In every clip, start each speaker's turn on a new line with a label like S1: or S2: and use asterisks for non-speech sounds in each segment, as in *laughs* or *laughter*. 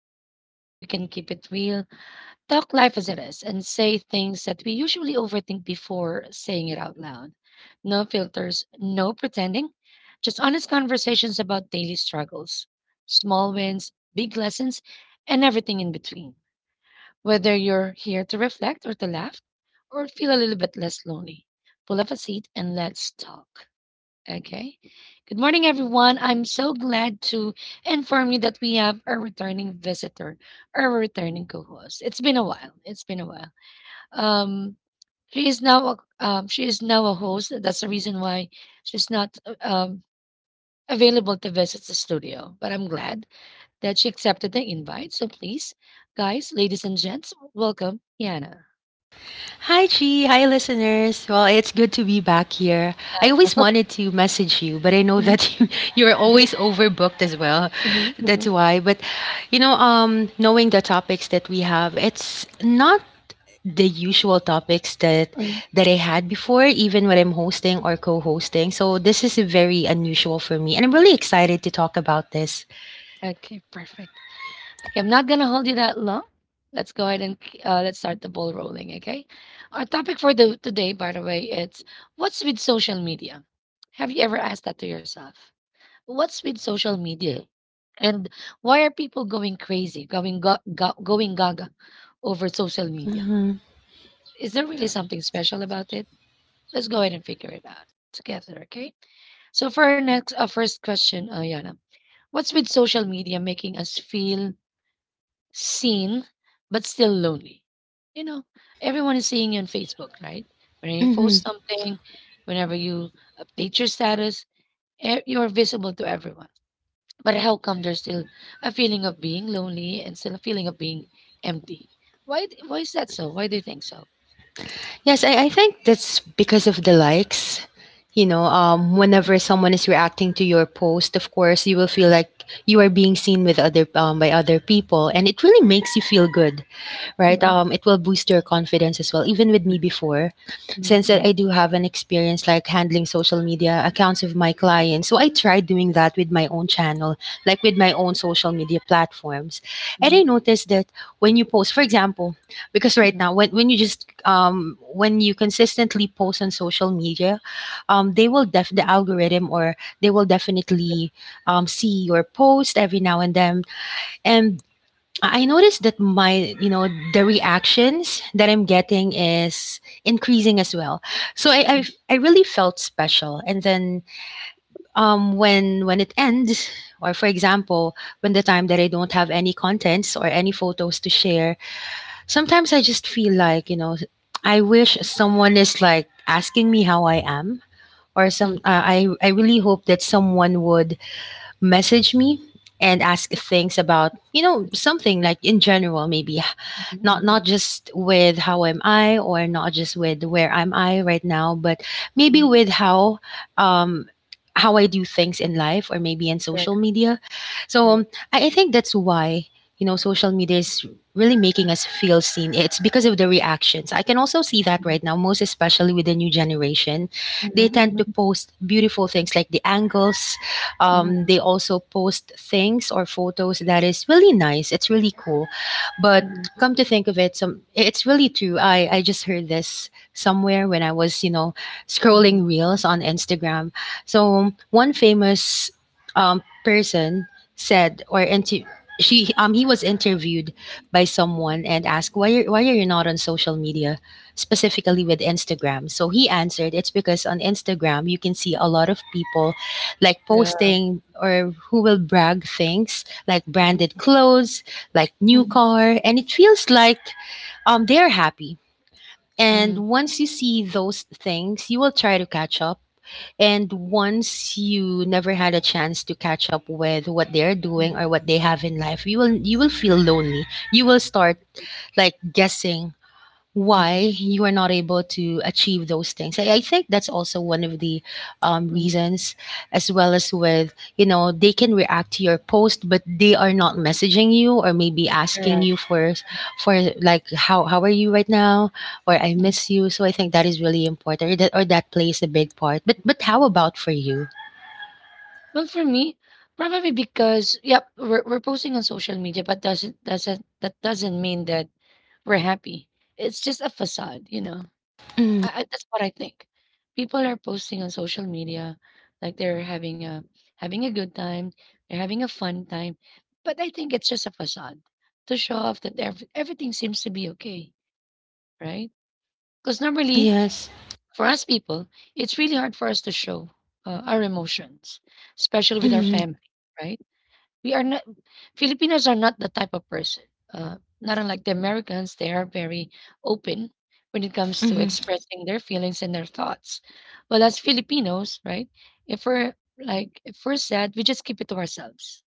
S1: where the space we can keep it real, talk life as it is, and say things that we usually overthink before saying it out loud. No filters, no pretending, just honest conversations about daily struggles, small wins, big lessons, and everything in between. Whether you're here to reflect or to laugh, or feel a little bit less lonely, pull up a seat and let's talk. Okay. Good morning, everyone. I'm so glad to inform you that we have a returning visitor, our returning co-host. It's been a while. It's been a while. Um, she is now a, she is now a host. That's the reason why she's not available to visit the studio. But I'm glad that she accepted the invite. So please, guys, ladies and gents, welcome Yana.
S2: Hi, Chi. Hi, listeners. Well, it's good to be back here. I always
S1: *laughs*
S2: wanted to message you, but I know
S1: Mhm,
S2: that *laughs* you're
S1: mhm,
S2: always overbooked as well.
S1: mhm,
S2: That's
S1: mhm,
S2: why. But, knowing the topics that we have, it's not the usual topics that
S1: mhm.
S2: that I had before even when I'm hosting or co-hosting, so this is very unusual for me and I'm really excited to talk about this.
S1: Okay, perfect. Okay, I'm not gonna hold you that long. Let's go ahead and let's start the ball rolling. Okay, our topic for the today, by the way, it's what's with social media. Have you ever asked that to yourself? What's with social media, and why are people going crazy, going gaga over social media?
S2: Hmm.
S1: Is there really something special about it? Let's go ahead and figure it out together. Okay. So for our next, first question, Yana, what's with social media making us feel seen but still lonely? You know, everyone is seeing you on Facebook, right? Whenever you post something, whenever you update your status, you're visible to everyone. But how come there's still a feeling of being lonely and still a feeling of being empty? Why is that so? Why do you think so?
S2: Yes, I think that's because of the likes. Whenever someone is reacting to your post, of course, you will feel like you are being seen with other by other people, and it really makes you feel good, right?
S1: Mhm,
S2: It will boost your confidence as well. Even with me before,
S1: mhm,
S2: since that I
S1: mhm,
S2: do have an experience like handling social media accounts of my clients, so I tried doing that with my own channel, like with my own social media platforms, and
S1: mhm,
S2: I noticed that when you post, for example, because right
S1: mhm,
S2: now when you just when you consistently post on social media, the algorithm or they will
S1: yep,
S2: definitely see your post every now and then. And I noticed that the reactions that I'm getting is increasing as well. So
S1: mhm,
S2: I really felt special. And then when it ends, or for example, when the time that I don't have any contents or any photos to share, sometimes I just feel like, you know, I wish someone is like asking me how I am, or some.
S1: mhm,
S2: I really hope that someone would message me and ask things about, you know,
S1: mhm,
S2: something like in general maybe, not
S1: mhm,
S2: just with how am I, or not just with where am I right now, but maybe
S1: mhm.
S2: with um how I do things in life or maybe in
S1: Correct,
S2: social media. So
S1: correct,
S2: I think that's why, you know, social media is really making us feel seen. It's because of the reactions. I can also see that
S1: mhm,
S2: right now, most especially with the new generation, they
S1: mhm,
S2: tend to
S1: mhm,
S2: post beautiful things like the angles.
S1: mhm,
S2: They also post things or photos that is really nice. It's really cool, but
S1: mhm,
S2: come to think of it, some it's really true. I just heard this somewhere when I was, you know, scrolling
S1: mhm.
S2: reels on Instagram. So one famous person said, or inter- she he was interviewed by someone and asked, why are you not on social media, specifically with Instagram? So he answered, it's because on Instagram you can see a lot of people like
S1: Yeah.
S2: posting, or who will brag things like
S1: Mm,
S2: branded clothes, like new
S1: mm,
S2: car, and it feels like they're happy,
S1: mm, mm,
S2: and
S1: mm.
S2: once you see those things you will try to catch up. And once you never had a chance to catch up with what they're
S1: Mm-hmm, mm-hmm,
S2: doing or what they have in life, you will feel lonely. You will start like guessing
S1: mm-hmm.
S2: why you are not able to achieve those things. I think that's also one of the
S1: Mm,
S2: reasons, as well as, with you know, they can react to your post, but they are not messaging you or maybe asking
S1: correct.
S2: you for like, how are you right now? Or I
S1: Mm.
S2: miss you. So I think that is really important, or that plays a big part. But how about for you?
S1: Well, for me, probably because yep, we're posting on social media, but doesn't that doesn't mean that we're happy. It's just a facade, you know.
S2: Mm,
S1: That's what I think. People are posting on social media like they're having a good time, they're having a fun time, but I think it's just a facade to show off that everything seems to be okay, right? Because normally
S2: yes.
S1: for us people, it's really hard for us to show our emotions, especially with our
S2: Mm,
S1: family, right? We are not, Filipinos are not the type of person, not unlike the Americans, they are very open when it comes to
S2: mm,
S1: expressing their feelings and their thoughts. Well, as Filipinos, right? If we're like, if we're sad, we just keep it to ourselves,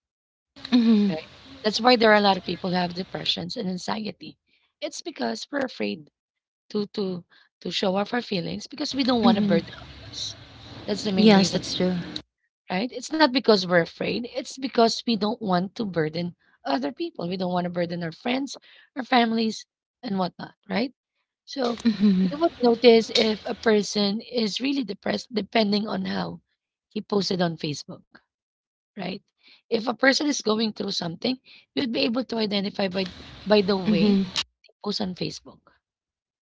S2: mm,
S1: right? That's why there are a lot of people who have depressions and anxiety. It's because we're afraid to to to show off our feelings because we don't want to
S2: mm.
S1: burden others. That's the main
S2: Yes,
S1: reason,
S2: that's true.
S1: right? It's not because we're afraid. It's because we don't want to burden other people. We don't want to burden our friends, our families, and whatnot, right? So
S2: Mm,
S1: you would notice if a person is really depressed depending on how he posted on Facebook, right? If a person is going through something, you'd be able to identify by the way
S2: mm.
S1: they post on Facebook,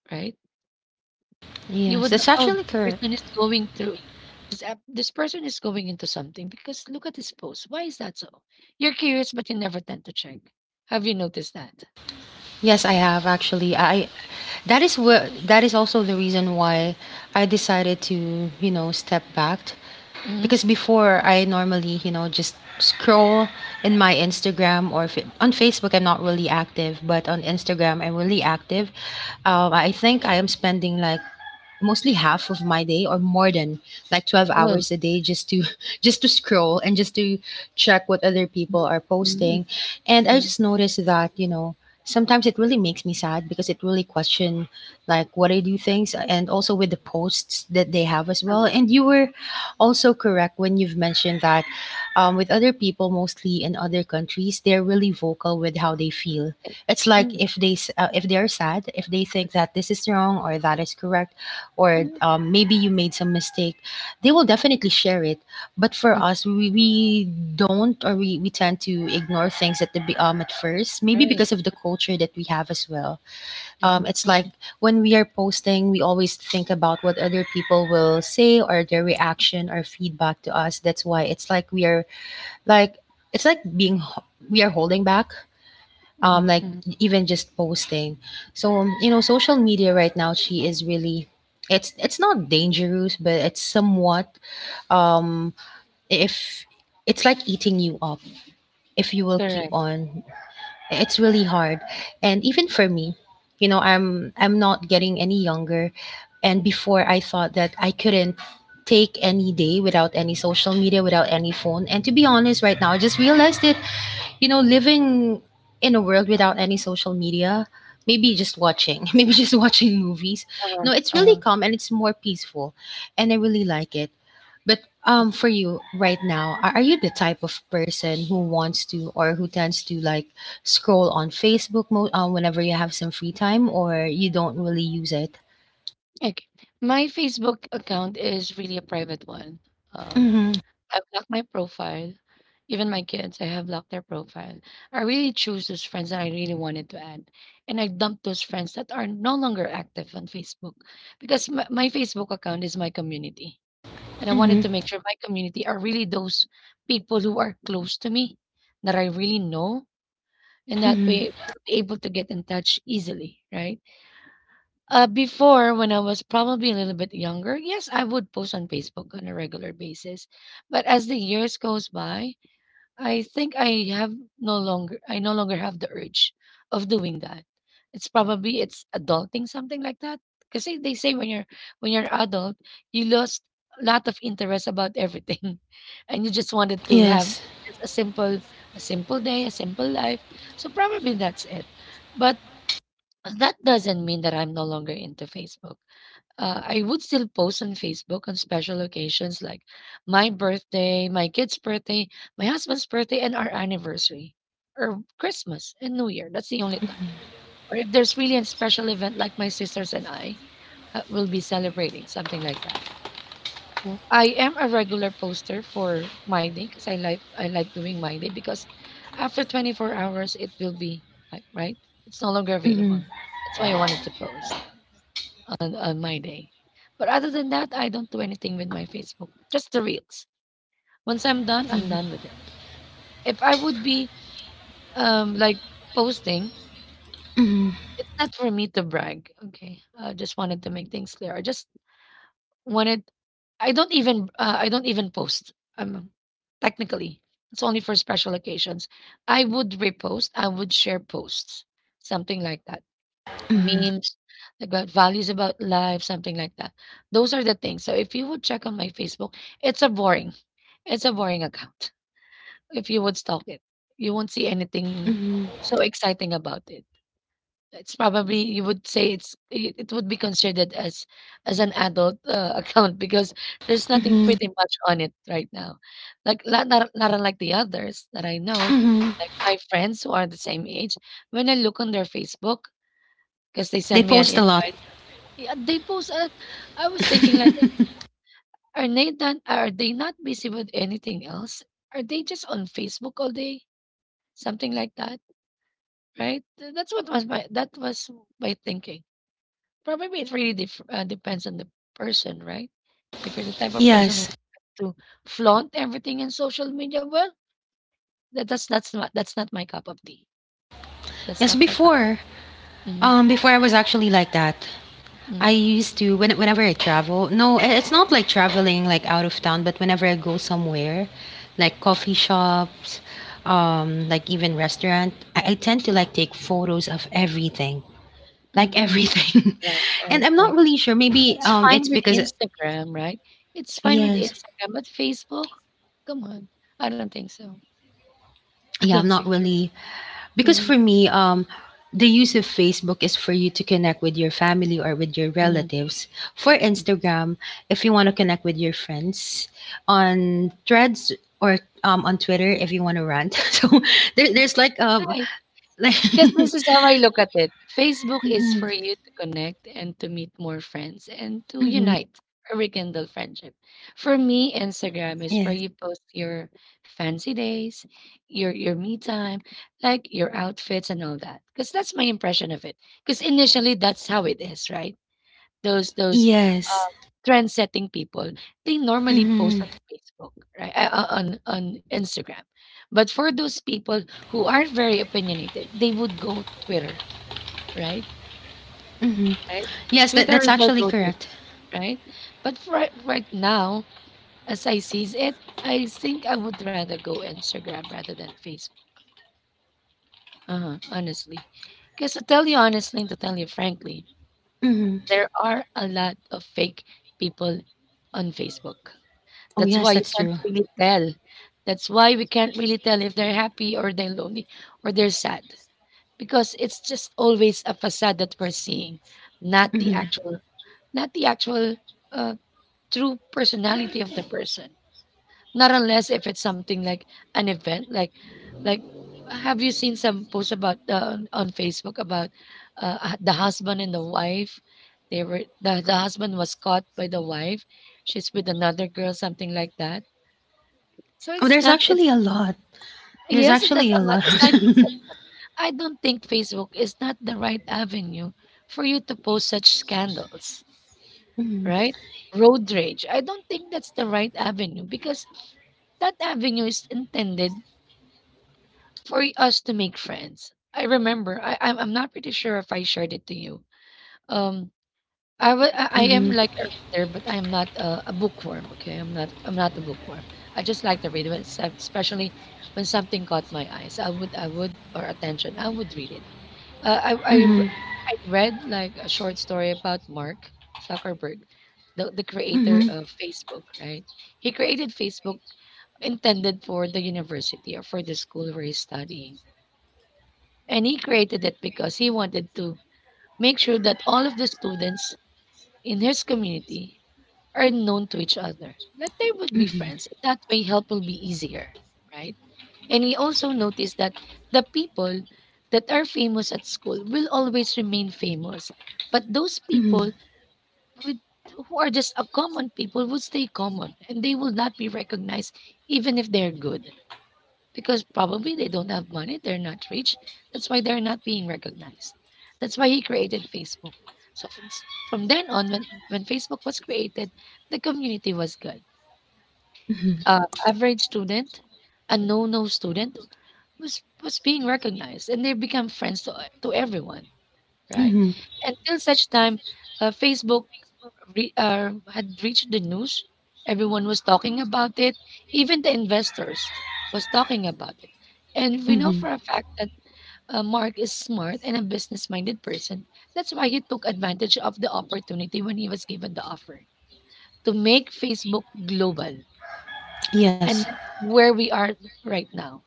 S1: right? You
S2: Yes,
S1: would know,
S2: that's
S1: "Oh,
S2: actually
S1: this person
S2: correct.
S1: is going through this person is going into something because look at his post. Why is that so?" You're curious, but you never tend to check. Have you noticed that?
S2: Yes, I have actually. I That is what, that is also the reason why I decided to, you know, step back,
S1: Mhm.
S2: because before I normally, you know, just scroll in my Instagram, on Facebook I'm not really active, but on Instagram I'm really active. I think I am spending like mostly half of my day or more than like 12
S1: Oh.
S2: hours a day just to *laughs* just to scroll and just to check what other people are
S1: Mhm.
S2: posting. And I
S1: Mhm.
S2: just noticed that, you know, sometimes it really makes me sad because it really question like what I do things, and also with the posts that they have as well.
S1: Mhm.
S2: And you were also correct when you've mentioned that with other people mostly in other countries they're really vocal with how they feel. It's like
S1: Mhm.
S2: if if they are sad, if they think that this is wrong or that is correct, or
S1: Mhm.
S2: maybe you made some mistake, they will definitely share it. But for
S1: Mhm.
S2: us, we don't, we tend to ignore things at at first, maybe because
S1: Right.
S2: of the culture that we have as well.
S1: Mhm.
S2: It's like
S1: Mhm.
S2: when we are posting, we always think about what other people will say or their reaction or feedback to us. That's why it's like we are like, it's like being h- we are holding back
S1: Mhm.
S2: like
S1: Mhm.
S2: even just posting. So, you know, social media right now, she is really, it's not dangerous, but it's somewhat um, if it's like eating you up if you will keep
S1: Correct.
S2: on. It's really hard, and even for me, you know, I'm not getting any younger, and before I thought that I couldn't take any day without any social media, without any phone. And to be honest, right now I just realized it, you know, living in a world without any social media, maybe just watching, *laughs* maybe just watching movies.
S1: uh
S2: No, it's really
S1: uh
S2: calm and it's more peaceful, and I really like it. But
S1: Mm.
S2: for you right now, are you the type of person who wants to, or who tends to like scroll on Facebook whenever you have some free time, or you don't really use it?
S1: Okay. My Facebook account is really a private one. Um
S2: Mm-hmm.
S1: I've locked my profile. Even my kids, I have locked their profile. I really choose those friends that I really wanted to add. And I dump those friends that are no longer active on Facebook because my Facebook account is my community. And I
S2: Mm-hmm.
S1: wanted to make sure my community are really those people who are close to me that I really know. And that
S2: Mm-hmm.
S1: way, able to get in touch easily, right? Before, when I was probably a little bit younger, yes, I would post on Facebook on a regular basis. But as the years goes by, I think I no longer have the urge of doing that. It's probably it's adulting something like that. Because they say when you're adult, you lost a lot of interest about everything, *laughs* and you just wanted to have just a simple day, a simple life. So probably that's it. But that doesn't mean that I'm no longer into Facebook. I would still post on Facebook on special occasions like my birthday, my kid's birthday, my husband's birthday, and our anniversary, or Christmas and New Year. That's the only time. Or if there's really a special event like my sisters and I will be celebrating, something like that. I am a regular poster for my day because I like doing my day because after 24 hours it will be like right, it's no longer
S2: Mm-hmm.
S1: available. That's why I wanted to post on my day. But other than that, I don't do anything with my Facebook. Just the reels. Once I'm done with it. If I would be um like posting,
S2: Mm-hmm.
S1: it's not for me to brag. Okay, I just wanted to make things clear. I just wanted. I don't even. I don't even post. Technically, it's only for special occasions. I would repost. I would share posts, something like that.
S2: Mm-hmm.
S1: Memes like, about values about life, something like that. Those are the things. So if you would check on my Facebook, it's it's a boring account. If you would stalk it, you won't see anything so exciting about it. It's probably you would say it would be considered as an adult *laughs* account because there's nothing
S2: Mm-hmm.
S1: pretty much on it right now. Like not unlike the others that I know,
S2: Mm-hmm.
S1: like my friends who are the same age. When I look on their Facebook, because they
S2: They
S1: send me an
S2: post a lot.
S1: invite yeah, they post. I was thinking like, are they not busy with anything else? Are they just on Facebook all day? Something like that, right? That was my thinking. Probably it really depends on the person, right? If you're the type of person who
S2: Yes.
S1: to flaunt everything in social media, well, that's not my cup of tea. That's
S2: Yes,
S1: not my cup.
S2: before.
S1: Of, mm-hmm,
S2: Before I was actually like that. I
S1: mm-hmm,
S2: used to when whenever I travel. No, it's not like traveling like out of town, but whenever I go somewhere, like coffee shops, like even restaurant, I tend to like take photos of everything, like
S1: mm-hmm.
S2: everything.
S1: Right,
S2: *laughs* And
S1: right,
S2: I'm not
S1: right.
S2: really sure. Maybe
S1: It's
S2: it's
S1: fine with
S2: because
S1: Instagram, right? It's fine with
S2: yes,
S1: Instagram, but Facebook? Come on. I don't think so. *laughs* I
S2: yeah,
S1: don't
S2: I'm not
S1: think so.
S2: really. Because
S1: Mhm,
S2: for me, the use of Facebook is for you to connect with your family or with your
S1: mhm,
S2: relatives. For
S1: mm.
S2: Instagram, if you want to connect with your friends, on Threads or on Twitter, if you want to rant. *laughs* So there's like
S1: Right,
S2: like.
S1: 'cause this is how
S2: *laughs*
S1: I look at it. Facebook is
S2: Hmm.
S1: for you to connect and to meet more friends and to
S2: Hmm.
S1: unite or rekindle friendship. For me, Instagram is where
S2: Yes.
S1: you post your fancy days, your me time, like your outfits and all that. Because that's my impression of it. Because initially that's how it is, right? Those those,
S2: Yes.
S1: uh, trend setting people, they normally post on
S2: Hmm.
S1: Facebook, right? On Instagram. But for those people who are very opinionated, they would go Twitter, right?
S2: Hmm.
S1: Right?
S2: Yes, that
S1: Twitter
S2: that's
S1: is my
S2: actually
S1: go-to,
S2: correct.
S1: right? But for right now, as I sees it, I think I would rather go Instagram rather than Facebook. Uh-huh, honestly. Because to tell you honestly and to tell you frankly,
S2: Hmm.
S1: there are a lot of fake people on Facebook.
S2: Oh
S1: That's
S2: yes,
S1: why you
S2: that's true.
S1: can't really tell. That's why we can't really tell if they're happy or they're lonely or they're sad because it's just always a facade that we're seeing, not the
S2: Hmm.
S1: actual, not the actual uh, true personality of the person. Not unless if it's something like an event, like have you seen some posts about on Facebook about the husband and the wife? They were the husband was caught by the wife. She's with another girl, something like that so
S2: Oh,
S1: it's
S2: there's
S1: not it's
S2: actually a lot. There's
S1: yes, that's
S2: actually a
S1: a lot.
S2: lot.
S1: Aside from that, I don't think Facebook is not the right avenue for you to post such scandals,
S2: *laughs* Hmm.
S1: right? Road rage. I don't think that's the right avenue because that avenue is intended for us to make friends. I remember, I'm not pretty sure if I shared it to you. Um, I wa- I am
S2: Hmm.
S1: like a reader, but I'm not a bookworm. Okay, I'm not. I'm not a bookworm. I just like to read, but especially when something caught my eyes, or attention, I would read it. Uh, I, I,
S2: Hmm.
S1: r-
S2: *laughs*
S1: I read like a short story about Mark Zuckerberg, the creator
S2: Mhm,
S1: of Facebook. Right, he created Facebook intended for the university or for the school where he's studying, and he created it because he wanted to make sure that all of the students in his community are known to each other. Like they would be
S2: mhm,
S1: friends. That way, help will be easier, right? And he also noticed that the people that are famous at school will always remain famous, but those
S2: mhm,
S1: people with who are just a common people would stay common, and they will not be recognized even if they're good because probably they don't have money, they're not rich. That's why they're not being recognized. That's why he created Facebook. So from then on, when Facebook was created, the community was good.
S2: mhm,
S1: Average student, a no-no student was being recognized, and they become friends to everyone, right?
S2: mhm,
S1: Until such time, Facebook had reached the news. Everyone was talking about it. Even the investors was talking about it. And we know for
S2: mhm.
S1: a fact that Mark is smart and a business-minded person. That's why he took advantage of the opportunity when he was given the offer to make Facebook global.
S2: Yes.
S1: And that's where we are right now.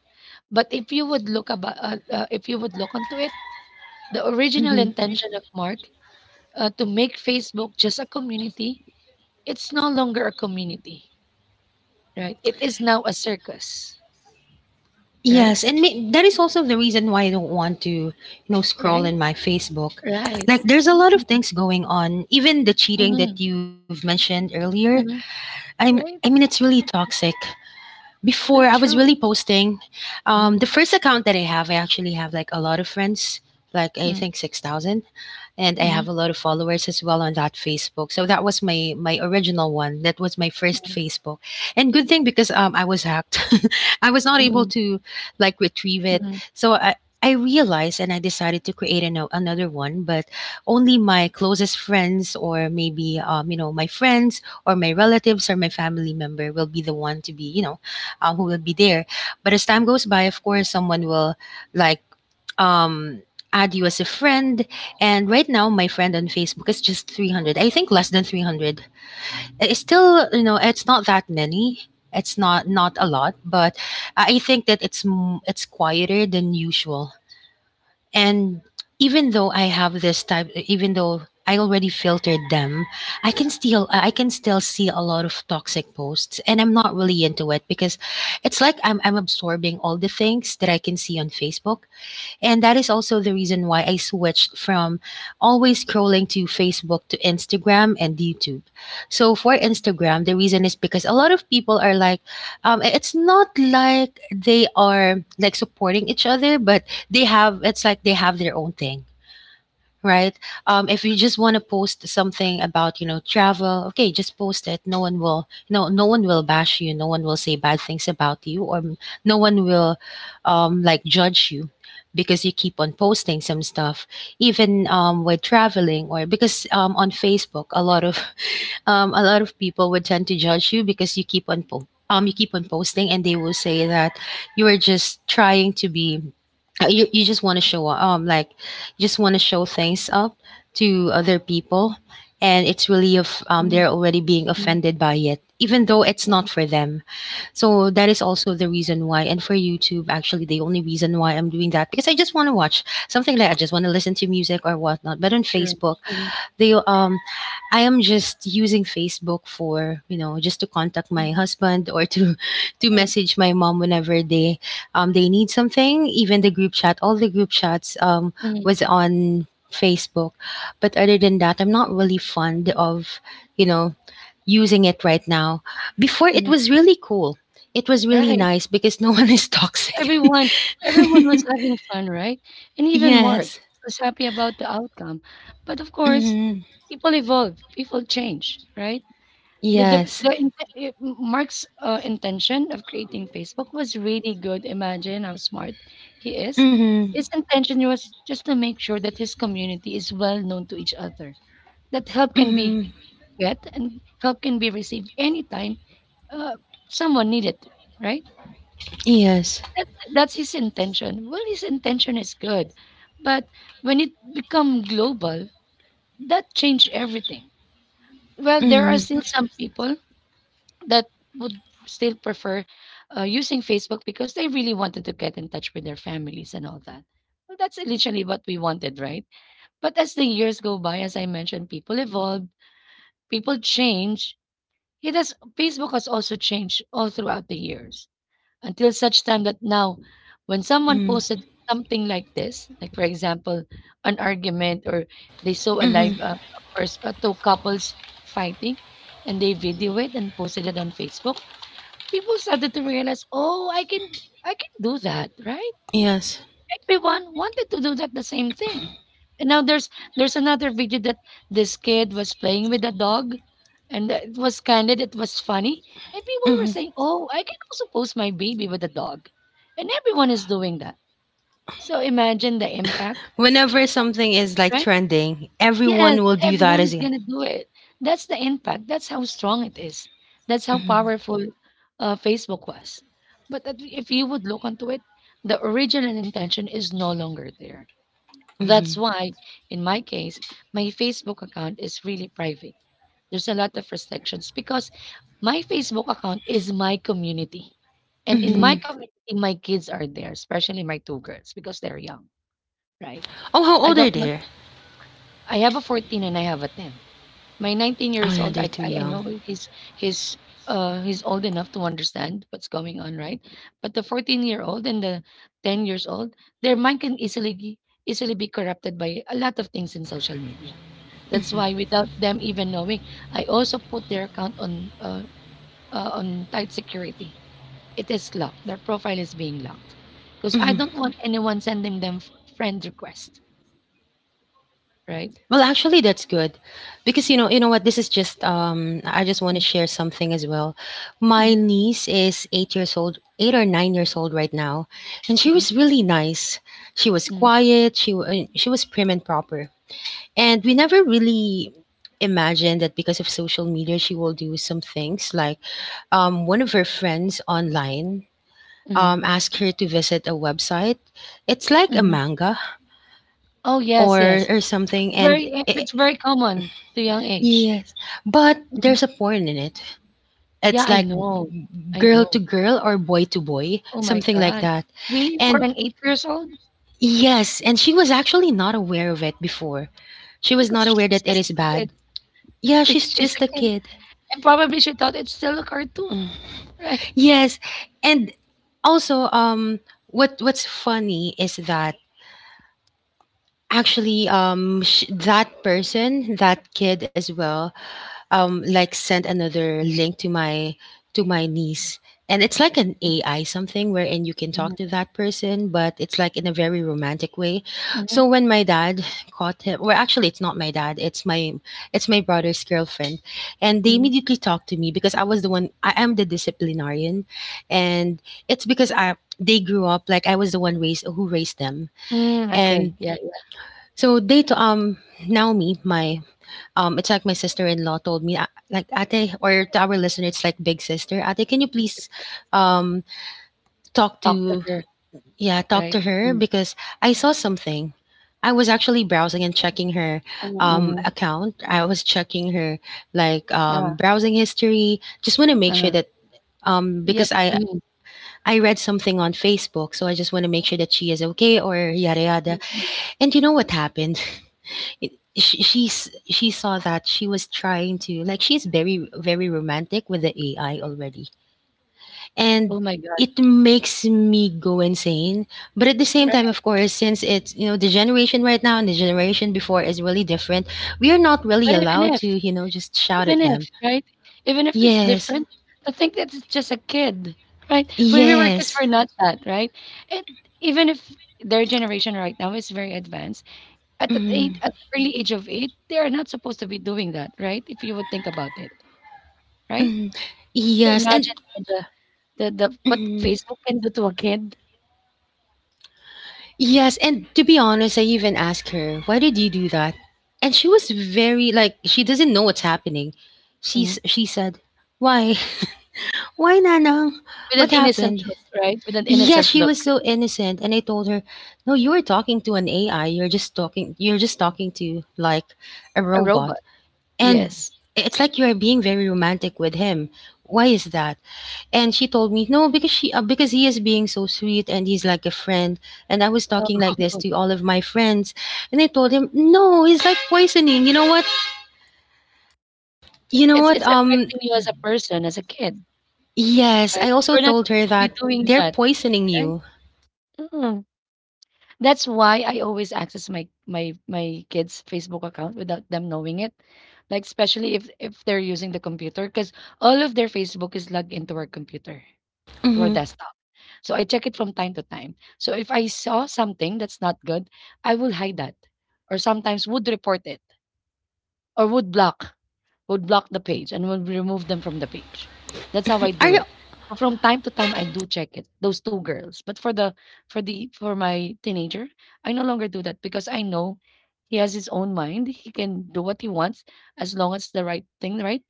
S1: But if you would look about, if you would look onto it, the original
S2: Hmm.
S1: intention of Mark to make Facebook just a community, it's no longer a community. Right. It is now a circus. Right?
S2: Yes, and may- that is also the reason why I don't want to, you know, scroll
S1: Right?
S2: in my Facebook.
S1: Right.
S2: Like, there's a lot of
S1: Mhm,
S2: things going on. Even the cheating
S1: mhm,
S2: that you've mentioned earlier,
S1: mhm.
S2: I mean,
S1: Right?
S2: it's really toxic. Before, I
S1: The
S2: was really
S1: true.
S2: posting. The
S1: Mhm,
S2: first account that I have, I actually have like a lot of friends, like I think
S1: mhm,
S2: 6,000, and I have
S1: mhm,
S2: a lot of followers as well on that Facebook. So that was my my original one. That was my first
S1: mhm,
S2: Facebook, and good thing because I was hacked. *laughs* I was not able
S1: mhm,
S2: to like retrieve it.
S1: mhm,
S2: So I. I realized and I decided to create another one, but only my closest friends or maybe, you know, my friends or my relatives or my family member will be the one to be, you know, who will be there. But as time goes by, of course, someone will like um, add you as a friend. And right now, my friend on Facebook is just 300. I think less than 300. It's still, you know, it's not that many. It's not Not a lot, but I think that it's quieter than usual. And even though I have this type, even though I already filtered them, I can still see a lot of toxic posts, and I'm not really into it because it's like I'm absorbing all the things that I can see on Facebook. And that is also the reason why I switched from always scrolling to Facebook to Instagram and YouTube. So for Instagram, the reason is because a lot of people are like, it's not like they are like supporting each other, but they have, it's like they have their own thing, right? If you just want to post something about, you know, travel, okay, just post it. No one will, no one will bash you. No one will say bad things about you, no one will like judge you because you keep on posting some stuff even with traveling, or because on facebook a lot of *laughs* a lot of people would tend to judge you because you keep on you keep on posting, and they will say that you are just trying to be you just want to show off, like just want to show things up to other people. And it's really of
S1: mhm,
S2: they're already being
S1: mhm,
S2: offended by it, even though it's
S1: mhm.
S2: not for them. So that is also the reason why. And for youtube, actually, the only reason why I'm doing that, because I just want to watch something, like I just want to listen to music or whatnot. But on
S1: True.
S2: facebook
S1: Mhm,
S2: they I am just using Facebook for, you know, just to contact my
S1: mhm.
S2: husband or to *laughs* to
S1: Right.
S2: message my mom whenever they need something. Even the group chat, all the group chats
S1: Mhm,
S2: was on Facebook. But other than that, I'm not really fond of, you know, using it right now. Before it
S1: mhm.
S2: was really cool. It was really
S1: Right.
S2: nice because no *laughs* one is toxic.
S1: Everyone
S2: *laughs*
S1: Everyone was having fun, right? And even Mark
S2: Yes.
S1: was happy about the outcome. But of course,
S2: Hmm.
S1: people evolve, people change, right? The the
S2: Yes.
S1: the inte eh, Mark's, intention of creating Facebook was really good. Imagine how smart he is.
S2: Hmm.
S1: His intention was just to make sure that his community is well known to each other, that help can be
S2: Hmm.
S1: get and help can be received anytime, uh, someone needed it, right?
S2: Yes.
S1: That's his intention. Well, his intention is good, but when it become global, that changed everything. Well, there are
S2: Mhm,
S1: still some people that would still prefer using Facebook because they really wanted to get in touch with their families and all that. Well, that's literally what we wanted, right? But as the years go by, as I mentioned, people evolve, people change. It has Facebook has also changed all throughout the years until such time that now, when someone
S2: mhm,
S1: posted something like this, like for example, an argument or they saw a
S2: mhm.
S1: live two couples fighting and they video it and posted it on Facebook. People started to realize, "Oh, I can do that," right?
S2: Yes.
S1: Everyone wanted to do that the same thing. And now there's another video that this kid was playing with a dog and that it was candid, it was funny. And people were
S2: Mhm.
S1: saying, "Oh, I can also post my baby with a dog." And everyone is doing that. So imagine the impact,
S2: Whenever something is like
S1: right?
S2: trending,
S1: Yes,
S2: everyone will do that
S1: everyone
S2: as
S1: is
S2: a.
S1: gonna do it. That's the impact. That's how strong it is. That's how
S2: Mhm,
S1: powerful Facebook was. But that- if you would look onto it, the original intention is no longer there. That's
S2: mhm,
S1: why, in my case, my Facebook account is really private. There's a lot of restrictions because my Facebook account is my community. And in my
S2: mhm.
S1: community, my kids are there, especially my two girls, because they're young, right?
S2: Oh, how
S1: I
S2: old are
S1: don't want,
S2: they?
S1: I have a 14 and I have a 10. My 19
S2: Oh
S1: years
S2: yeah,
S1: old,
S2: they're
S1: I
S2: too
S1: I I
S2: young.
S1: know he's he's old enough to understand what's going on, right? But the 14-year-old and the 10 years old, their mind can easily be corrupted by a lot of things in social media. That's why without them even knowing, I also put their account on tight security. It is locked. Their profile is being locked because I
S2: Mhm.
S1: don't want anyone sending them friend request, right?
S2: Well, actually, that's good, because you know what? This is just I just want to
S1: Mm,
S2: share something as well. My
S1: mm,
S2: niece is 8 years old, 8 or 9 years old right now, and she
S1: mm,
S2: was really nice. She was
S1: mm,
S2: quiet. She was prim and proper. And we never really imagined that because of social media, she will do some things. Like, one of her friends online,
S1: mm,
S2: asked her to visit a website. It's like a
S1: mhm.
S2: manga,
S1: Oh yes, yes.
S2: or
S1: It's
S2: something. And it,
S1: it's very common to young age.
S2: yes, but
S1: Mhm.
S2: there's a porn in it.
S1: Yeah,
S2: It's
S1: I
S2: like
S1: know. I
S2: girl to
S1: know.
S2: girl or boy to boy,
S1: Oh my
S2: something like
S1: god.
S2: that.
S1: Really, for
S2: And
S1: an 8 years old?
S2: yes, and she was actually not aware of it before. She was
S1: Because
S2: not aware
S1: she's
S2: that it
S1: just
S2: is
S1: a kid.
S2: bad.
S1: *laughs*
S2: Yeah, she's
S1: She's
S2: just
S1: a
S2: a
S1: kid,
S2: kid.
S1: and probably she thought it's still a cartoon, right?
S2: Yes, and also, what what's funny is that actually, that person, that kid as well, like sent another link to my niece, and it's like an AI something wherein you can talk
S1: Mhm,
S2: to that person, but it's like in a very romantic way.
S1: mhm,
S2: So when my dad caught him, well actually it's not my dad, it's my brother's girlfriend, and they
S1: mhm.
S2: immediately talked to me because I am the disciplinarian, and it's because I they grew up, like I was the one raised who raised them.
S1: Mm,
S2: And
S1: okay, yeah, yeah,
S2: so Naomi, my it's like my sister-in-law told me, "Ah, like Ate, or to our listener, it's like big sister. Ate, can you
S1: big
S2: please
S1: sister.
S2: um talk
S1: Talk to
S2: to,"
S1: her,
S2: yeah, talk
S1: right?
S2: to her
S1: Mm,
S2: because I saw something. I was actually browsing and checking her
S1: mm, mhm.
S2: account. I was checking her like
S1: Ah.
S2: browsing history. Just want to make sure
S1: uh,
S2: that
S1: yep,
S2: because
S1: mm,
S2: I read something on Facebook, so I just want to make sure that she is okay or yada
S1: mm,
S2: yada.
S1: mm.
S2: And you know what happened? She saw that she was trying to like she's very very romantic with the AI already,
S1: Oh
S2: and
S1: my god,
S2: it makes me go insane. But at the same
S1: right.
S2: time, of course, since it's, you know, the generation right now and the generation before is really different, we are not really
S1: But even
S2: allowed
S1: if,
S2: to, you know, just shout
S1: even
S2: at them.
S1: if, right? Even if it's
S2: Yes,
S1: different, to think that it's just a kid, right? When we were kids,
S2: yes,
S1: we're not that, right? And even if their generation right now is very advanced, at the age,
S2: mm,
S1: at the early age of eight, they are not supposed to be doing that, right? If you would think about it, right?
S2: mm,
S1: So
S2: yes, and.
S1: imagine the the what
S2: Mm.
S1: Facebook can do to a kid.
S2: Yes, and to be honest, I even asked her, "Why did you do that?" And she was very like she doesn't know what's happening.
S1: Mm,
S2: She said, "Why? *laughs* Why Nanang?
S1: with an
S2: What
S1: innocent
S2: happened?"
S1: look, right? With an
S2: Yeah,
S1: innocent
S2: she
S1: look,
S2: was so innocent, and I told her, "No, you were talking to an AI. You're just talking. You're just talking to like a
S1: a robot.
S2: robot." And
S1: Yes.
S2: it's like you are being very romantic with him. Why is that? And she told me, no, because she because he is being so sweet and he's like a friend. And I was
S1: So
S2: talking like this
S1: *laughs*
S2: to all of my friends, and I told him, no, he's like poisoning. You know what? You know what?
S1: it's
S2: Um,
S1: affecting you as a person, as a kid,
S2: yes, I
S1: right?
S2: also
S1: We're not
S2: told her
S1: supposed to be
S2: that
S1: doing
S2: they're
S1: that.
S2: poisoning
S1: Right?
S2: you.
S1: Mm. That's why I always access my kids' Facebook account without them knowing it. Like especially if they're using the computer, because all of their Facebook is logged into our computer, to our
S2: Hmm.
S1: desktop. So I check it from time to time. So if I saw something that's not good, I will hide that, or sometimes would report it, or would block the page and would remove them from the page. That's how I
S2: Are
S1: do
S2: you?
S1: it. So from time to time, I do check it, those 2 girls. But for my teenager, I no longer do that because I know he has his own mind. He can do what he wants as long as the right thing, right?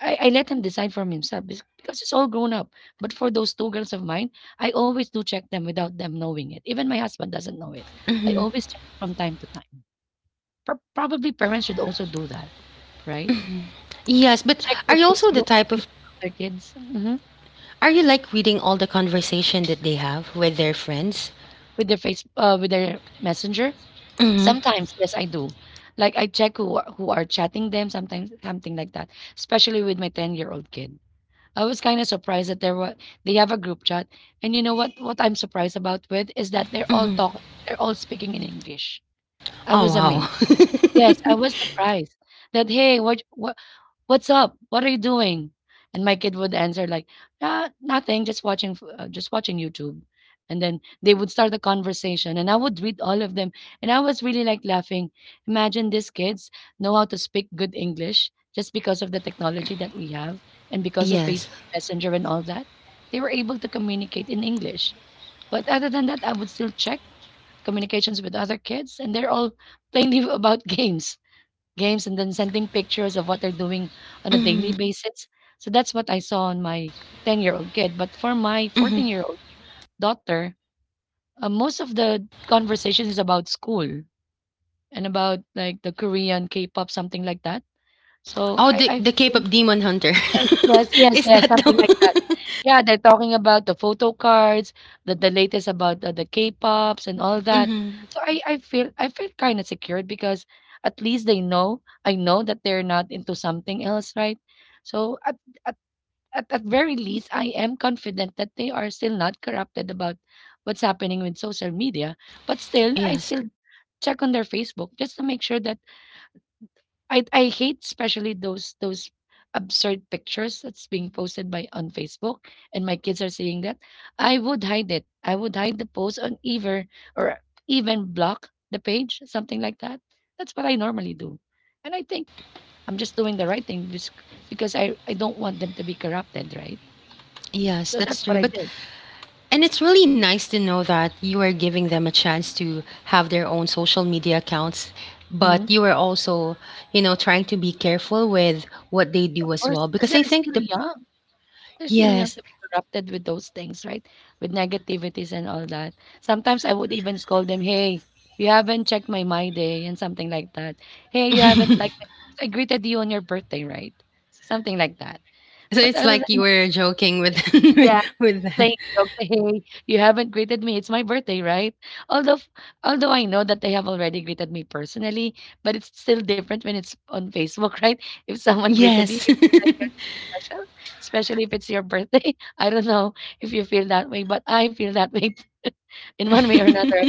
S1: I let him decide from himself because he's all grown up. But for those 2 girls of mine, I always do check them without them knowing it. Even my husband doesn't know it. I
S2: Mhm.
S1: always check from time to time. Probably parents should also do that, right?
S2: Yes, but
S1: Check
S2: are
S1: their
S2: you also the type of?
S1: Facebook of their kids, mhm,
S2: Are you like reading all the conversation that they have with their friends?
S1: with their face with their Messenger?
S2: Hmm.
S1: Sometimes, yes, I do. Like, I check who are chatting them, sometimes something like that, especially with my ten-year-old kid. I was kinda surprised that there were they have a group chat, and you know what I'm surprised about with is that
S2: Hmm.
S1: they're all speaking in English. I
S2: Oh
S1: was amazed. Yes, I
S2: wow.
S1: was
S2: *laughs*
S1: surprised that, "Hey, what what's up? What are you doing?" And my kid would answer like, ah, nothing, just watching, just watching YouTube. And then they would start a conversation, and I would read all of them, and I was really like laughing. Imagine these kids know how to speak good English just because of the technology that we have, and because of
S2: Yes.
S1: Facebook Messenger and all that, they were able to communicate in English. But other than that, I would still check communications with other kids, and they're all plainly *laughs* about games and then sending pictures of what they're doing on a daily
S2: Mhm,
S1: basis. So that's what I saw on my 10-year-old kid. But for my
S2: mhm.
S1: 14-year-old daughter, most of the conversation is about school and about like the Korean K-pop, something like that. So
S2: Oh, the
S1: I
S2: Cape
S1: feel
S2: of Demon Hunter.
S1: yes,
S2: *laughs*
S1: yes,
S2: Is
S1: yes,
S2: that
S1: something like that.
S2: the? *laughs*
S1: Yeah, they're talking about the photo cards, the latest about the K-pops and all that.
S2: Mhm.
S1: So I feel kind of secured because at least they know I know that they're not into something else, right? So at at very least I am confident that they are still not corrupted about what's happening with social media, but still I
S2: Yes.
S1: still check on their Facebook just to make sure that I hate especially those absurd pictures that's being posted by on Facebook and my kids are seeing that. I would hide it. I would hide the post on either or even block the page, something like that. That's what I normally do. And I think I'm just doing the right thing because I don't want them to be corrupted, right?
S2: Yes,
S1: So that's
S2: that's
S1: what
S2: true.
S1: I
S2: But
S1: did.
S2: and it's really nice to know that you are giving them a chance to have their own social media accounts,
S1: Hmm.
S2: but you are also, you know, trying to be careful with what they
S1: Of
S2: do as
S1: course,
S2: well,
S1: because
S2: because I
S1: they're
S2: think
S1: still
S2: the
S1: young. They're still young
S2: yes.
S1: to be corrupted with those things, right? With negativities and all that. Sometimes I would even scold them, "Hey, you haven't checked my day," and something like that. "Hey, you haven't like I greeted you on your birthday, right?" Something like that.
S2: So
S1: But
S2: it's
S1: other
S2: like you
S1: than
S2: were joking with
S1: that
S2: *laughs* with
S1: playing jokes, *laughs* "Hey, you haven't greeted me. It's my birthday, right?" Although f- Although I know that they have already greeted me personally, but it's still different when it's on Facebook, *laughs* right? If someone greeted you,
S2: yes.
S1: you feel like you're
S2: *laughs*
S1: so special, especially if it's your birthday. *laughs* I don't know if you feel that way, but I feel that way *laughs* in one way or another.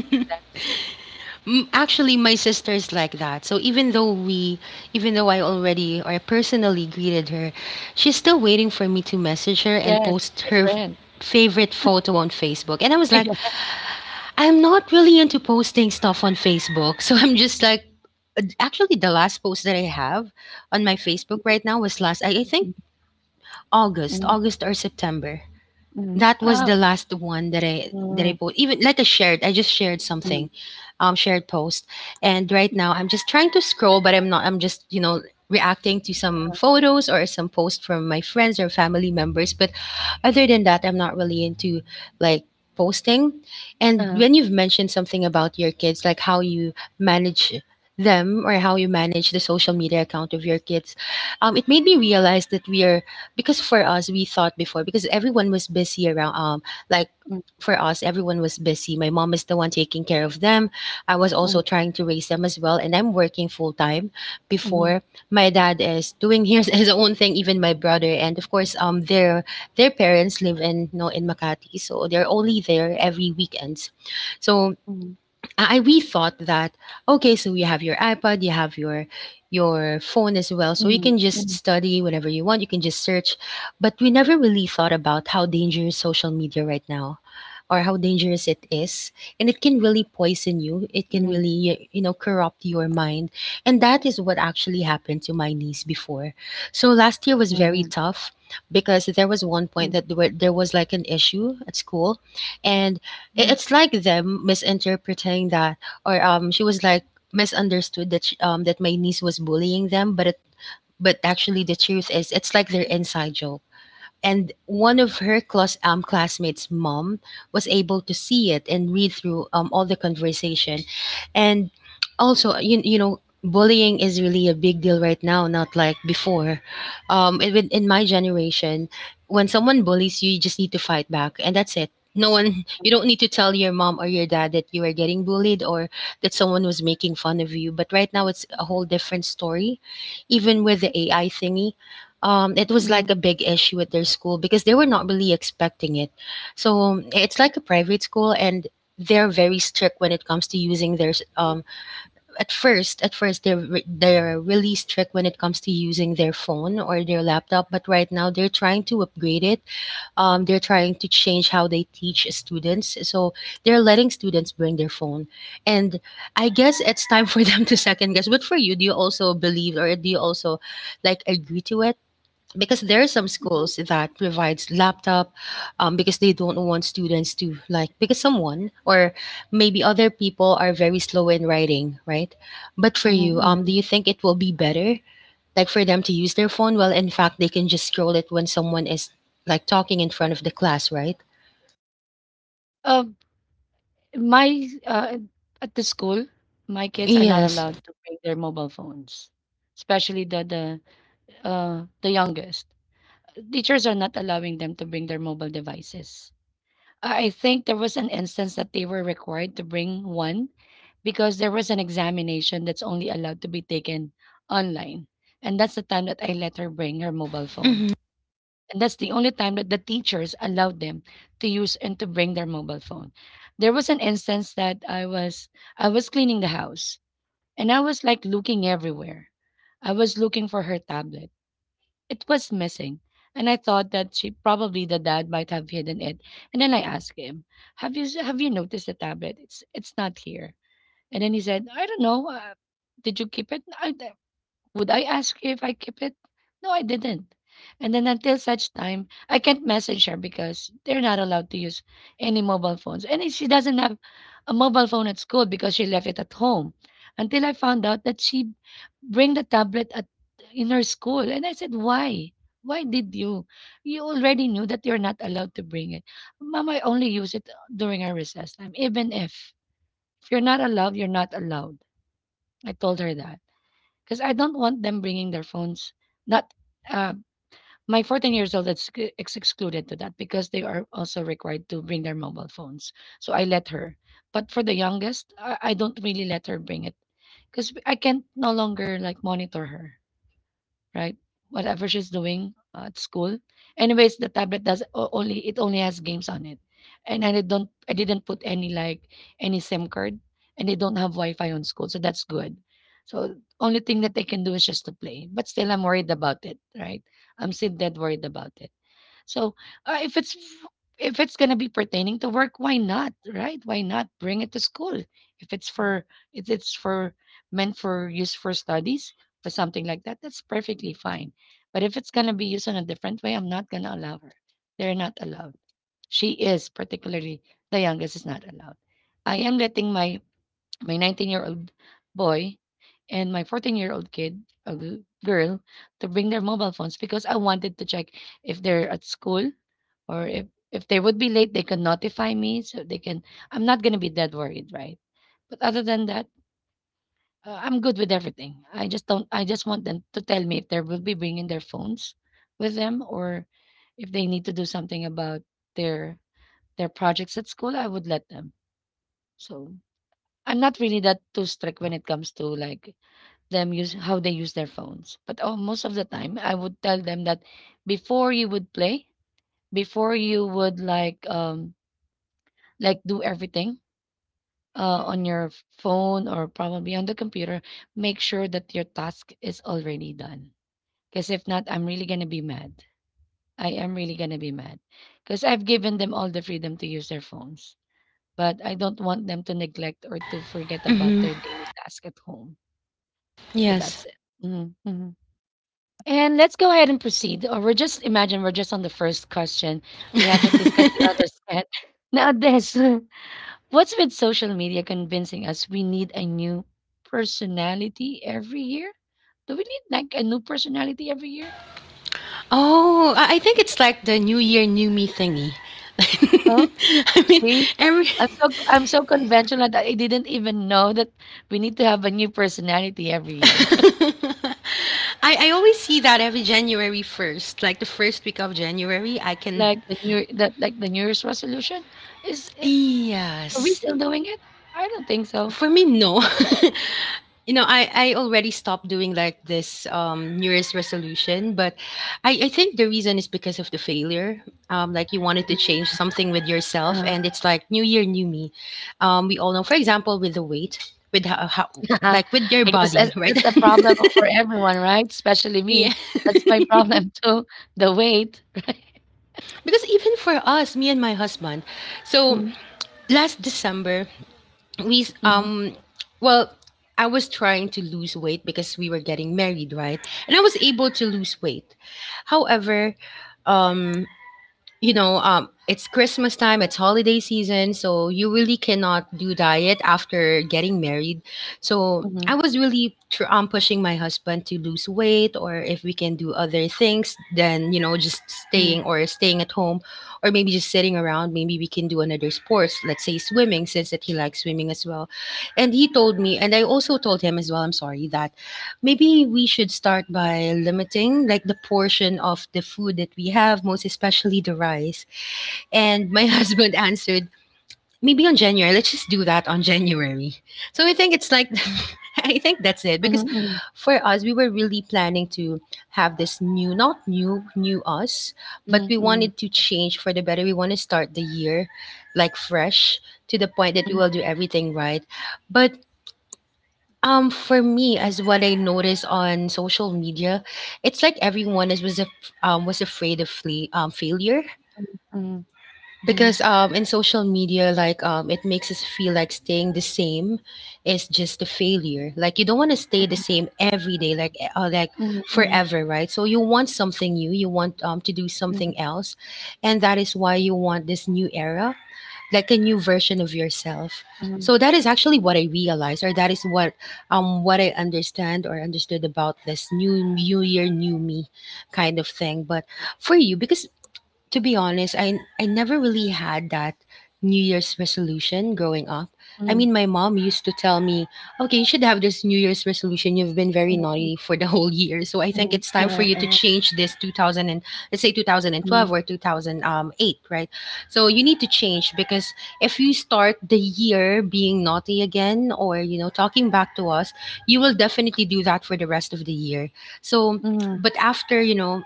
S2: Mm. Actually, my sister is like that. So even though we, even though I already or I personally greeted her, she's still waiting for me to message her and
S1: Yes,
S2: post
S1: it's
S2: her
S1: my friend.
S2: favorite photo on Facebook. And I was like,
S1: *laughs*
S2: I'm not really into posting stuff on Facebook. *laughs* So I'm just like, actually, the last post that I have on my Facebook
S1: Yeah.
S2: right now was last, I think
S1: Mm,
S2: August,
S1: mm,
S2: August or September.
S1: mm.
S2: That was
S1: Oh.
S2: the last one that I
S1: Mm,
S2: post. Even like I shared, I just shared
S1: mm,
S2: something, shared post. And right now, I'm just trying to scroll, but I'm not. I'm just, you know, reacting to some photos or some posts from my friends or family members. But other than that, I'm not really into like posting. And
S1: uh,
S2: when you've mentioned something about your kids, like how you manage them or how you manage the social media account of your kids, it made me realize that we are, because for us we thought before, because everyone was busy around, like
S1: mm,
S2: for us everyone was busy, my mom is the one taking care of them, I was also
S1: mm,
S2: trying to raise them as well, and I'm working full time before.
S1: mm,
S2: My dad is doing *laughs* his own thing, even my brother, and of course their parents live in, you know, in Makati, so they're only there every weekends. So
S1: mm,
S2: I, we thought that, okay, so you have your iPad, you have your phone as well,
S1: mm,
S2: so you can
S1: mm,
S2: just study whenever you want. You can just search, but we never really thought about how dangerous social media right now, or how dangerous it is, and it can really poison you,
S1: mm,
S2: it can really, you know, corrupt your mind. And that is what actually happened to my niece before. So last year was
S1: mm,
S2: very tough because there was one
S1: mm,
S2: point that there was like an issue at school. And
S1: mm,
S2: it's like them misinterpreting that, or she was like misunderstood that that my niece was bullying them, but actually the truth is it's like their inside joke. And one of her classmates' mom was able to see it and read through all the conversation. And also you know, bullying is really a big deal right now, not like before. In my generation, when someone bullies you, you just need to fight back, and that's it. No one, *laughs* you don't need to tell your mom or your dad that you are getting bullied or that someone was making fun of you. But right now, it's a whole different story, even with the AI thingy. It was
S1: mm,
S2: like a big issue at their school because they were not really expecting it. So it's like a private school, and they're very strict when it comes to using at first, they're they're really strict when it comes to using their phone or their laptop. But right now they're trying to upgrade it. They're trying to change how they teach students. So they're letting students bring their phone, and I guess it's time for them *laughs* to second guess. But for you, do you also believe, or do you also like agree to it? Because there are some
S1: mm.
S2: schools that provides laptop, because they don't want students to like, because someone or maybe other people are very slow in writing, right? But for
S1: Mhm,
S2: you, do
S1: mhm.
S2: you think it will be better like for them to use their phone? Well, in fact, they can just scroll it when someone is like talking in front of the class, right?
S1: Um, my At the school, my kids are not
S2: Yes.
S1: allowed to bring their mobile phones, especially the the youngest. Teachers are not allowing them to bring their mobile devices. I think there was an instance that they were required to bring one because there was an examination that's only allowed to be taken online. And that's the time that I let her bring her mobile phone.
S2: Mm-hmm.
S1: And that's the only time that the teachers allowed them to use and to bring their mobile phone. There was an instance that I was cleaning the house and I was like looking everywhere. I was looking for her tablet. It was missing. And I thought that she probably the dad might have hidden it. And then I asked him, "Have you noticed the tablet? It's not here." And then he said, "I don't know. Did you keep it? Would I ask you if I keep it? No, I didn't." And then until such time, I can't message her because they're not allowed to use any mobile phones. And if she doesn't have a mobile phone at school, because she left it at home. Until I found out that she bring the tablet at in her school. And I said, "Why? Why did you? You already knew that you're not allowed to bring it." "Mom, I only use it during our recess time." "Even if you're not allowed, you're not allowed." I told her that, because I don't want them bringing their phones. Not uh, my 14 years old. Is excluded to that, because they are also required to bring their mobile phones. So I let her. But for the youngest, I don't really let her bring it, because I can no longer like monitor her, right? Whatever she's doing at school. Anyways, the tablet does o- only it only has games on it, and I didn't put any like any SIM card, and they don't have Wi-Fi on school, so that's good. So only thing that they can do is just to play, but still I'm worried about it, right? I'm still dead worried about it. So, uh, if it's if it's gonna be pertaining to work, why not, right? Why not bring it to school? If it's for if it's for Meant for use for studies for something like that, that's perfectly fine. But if it's gonna be used in a different way, I'm not gonna allow her. They're not allowed. She is particularly The youngest is not allowed. I am letting my 19-year-old boy and my 14-year-old kid, girl, to bring their mobile phones, because I wanted to check if they're at school, or if they would be late, they can notify me so they can. I'm not gonna be that worried, right? But other than that, I'm good with everything. I just don't. I just want them to tell me if they will be bringing their phones with them, or if they need to do something about their their projects at school. I would let them. So I'm not really that too strict when it comes to like them use how they use their phones. But oh, most of the time I would tell them that before you would play, before you would like do everything on phone or probably on the computer, make sure that your task is already done. Because if not, I'm really gonna be mad. I am really gonna be mad. Because I've given them all the freedom to use their phones. But I don't want them to neglect or to forget about
S2: Mm-hmm.
S1: their daily task at home. So
S2: Yes.
S1: that's it. Mhm, mhm. And let's go ahead and proceed. Or we're just imagine we're just on the first question. We haven't discussed the
S2: *laughs*
S1: others yet. *laughs* Now this, *laughs* what's with social media convincing us we need a new personality every year? Do we need like a new personality every year?
S2: Oh, I think it's like the New Year, New Me thingy. *laughs*
S1: Oh,
S2: I mean,
S1: see,
S2: every
S1: I'm so conventional that I didn't even know that we need to have a new personality every
S2: *laughs*
S1: year. *laughs*
S2: I, I always see that every January 1st, like the first week of January, I can.
S1: Like the New Year's resolution is. Are we
S2: Yes.
S1: still doing it? I don't think so.
S2: For me, no. *laughs* I already stopped doing like this New Year's resolution, but I think the reason is because of the failure. Like you wanted to change
S1: Mm,
S2: something with yourself,
S1: uh
S2: and
S1: *laughs*
S2: it's like New Year, New Me. We all know, for example, with the weight, with how like with your
S1: I guess that's
S2: body, right?
S1: the problem for everyone, right? Especially
S2: *laughs* yeah.
S1: me. That's my problem too, the weight.
S2: Because even for us, me and my husband, so
S1: Mhm,
S2: last December, we
S1: mhm,
S2: um well, I was trying to lose weight because we were getting married, right? And I was able to lose weight. However, um you know, it's Christmas time, it's holiday season, so you really cannot do diet after getting married. So
S1: mhm,
S2: I was really pushing my husband to lose weight, or if we can do other things, then just
S1: mhm,
S2: staying at home, or maybe just sitting around. Maybe we can do another sports, let's say swimming, since that he likes swimming as well. And he told me, and I also told him as well. I'm sorry that maybe we should start by limiting like the portion of the food that we have, most especially the rice. And my *laughs* husband answered, maybe on January. Let's just do that on January. So I think it's like
S1: mhm,
S2: *laughs* I think that's it because
S1: mhm,
S2: for us we were really planning to have this new not new us, but
S1: mhm,
S2: we
S1: mhm,
S2: wanted to change for the better. We want to start the year like fresh to the point that we
S1: mhm,
S2: will do everything right. But for me, as what I notice on social media, it's like everyone is was afraid of failure
S1: mhm, mhm,
S2: because in social media, like it makes us feel like staying the same is just a failure. Like you don't want to stay the
S1: mhm,
S2: same every day, like like
S1: mhm, mhm, mhm,
S2: forever, right? So you want something new, you want to do something else, and that is why you want this new era like a new version of yourself.
S1: mhm,
S2: So that is actually what I realized, or that is what what I understand or understood about this new year, new me kind of thing. But for you, because to be honest, I never really had that New Year's resolution growing up. I
S1: mhm,
S2: mean, my mom used to tell me, "Okay, you should have this New Year's resolution. You've been very
S1: mhm,
S2: naughty for the *laughs* whole year, so I think
S1: mhm,
S2: it's time for you to change this 2000 and let's say
S1: mhm,
S2: 2012 or 2008, right? So you need to change because if you start the year being naughty again or talking back to us, you will definitely do that for the rest of the year." So,
S1: mhm,
S2: but after you know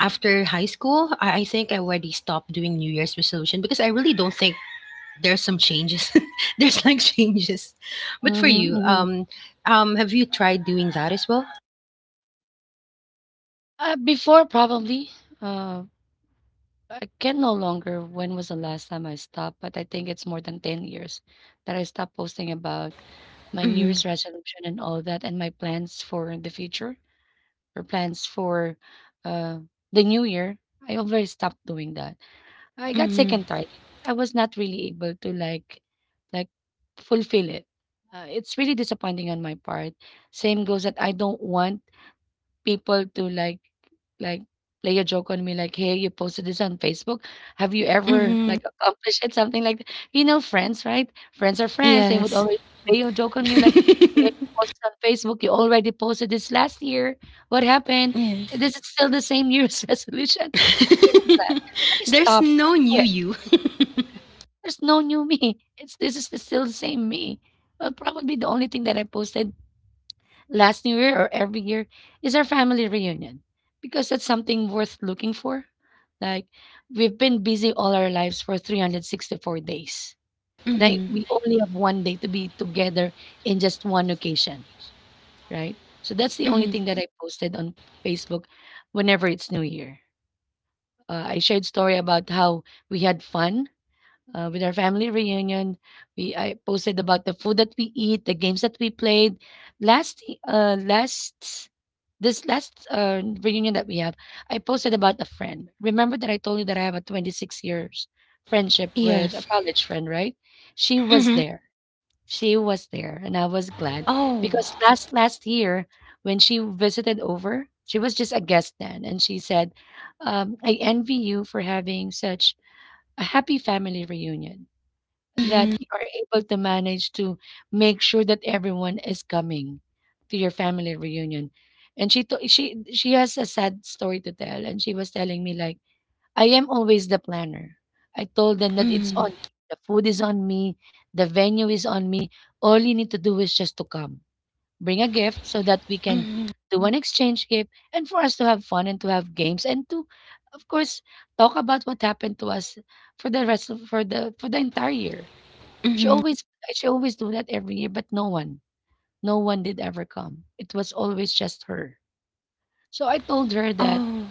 S2: after high school, I think I already stopped doing New Year's resolution because I really don't think there's some changes. *laughs* There's like changes. But for
S1: mhm,
S2: you,
S1: mhm.
S2: have you tried doing that as well?
S1: Before, probably. Uh, I can no longer When was the last time I stopped, but I think it's more than 10 years that I stopped posting about my New
S2: Mm-hmm.
S1: Year's resolution and all that, and my plans for the future, or plans for uh, the new year. I already stopped doing that. I got sick and tired. I was not really able to like fulfill it. It's really disappointing on my part. Same goes that I don't want people to like play a joke on me like, "Hey, you posted this on Facebook. Have you
S2: Mm-hmm.
S1: ever
S2: Mm-hmm.
S1: like accomplished it?" Something like that. You know, friends, right? Friends are friends. They would
S2: Yes.
S1: always play a joke on you
S2: *laughs*
S1: like, "Hey, you posted on Facebook. You already posted this last year. What happened?
S2: Yes.
S1: This is still the same New year's *laughs* resolution." Something like that.
S2: *laughs*
S1: So I
S2: There's
S1: stopped. I
S2: no new
S1: quit.
S2: you.
S1: There's no new me. It's this is the, Still the same me. Well, probably the only thing that I posted last New Year or every year is our family reunion, because that's something worth looking for. Like we've been busy all our lives for 364 days. And
S2: Mm-hmm.
S1: we only have one day to be together in just one occasion, right? So that's the only
S2: Mm-hmm.
S1: thing that I posted on Facebook whenever it's New Year. I shared story about how we had fun with our family reunion. We I posted about the food that we eat, the games that we played. Last uh last last reunion that we have, I posted about a friend. Remember that I told you that I have a 26 years friendship with
S2: Yes.
S1: a college friend, right? She was
S2: Mm-hmm.
S1: there. She was there, and I was glad,
S2: Oh.
S1: because last year, when she visited over, she was just a guest then, and she said, "Um, I envy you for having such a happy family reunion, that
S2: Mm-hmm.
S1: you are able to manage to make sure that everyone is coming to your family reunion." And she to- she she has a sad story to tell, and she was telling me like, "I am always the planner. I told them that it's
S2: Mm-hmm.
S1: on me. The food is on me. The venue is on me. All you need to do is just to come. Bring a gift, so that we can
S2: Mm-hmm.
S1: do an exchange gift, and for us to have fun and to have games and to, of course, talk about what happened to us for the rest of for the entire year." she
S2: Mm-hmm.
S1: always she always do that every year, but no one, no one did ever come. It was always just her. So I told her that
S2: Oh.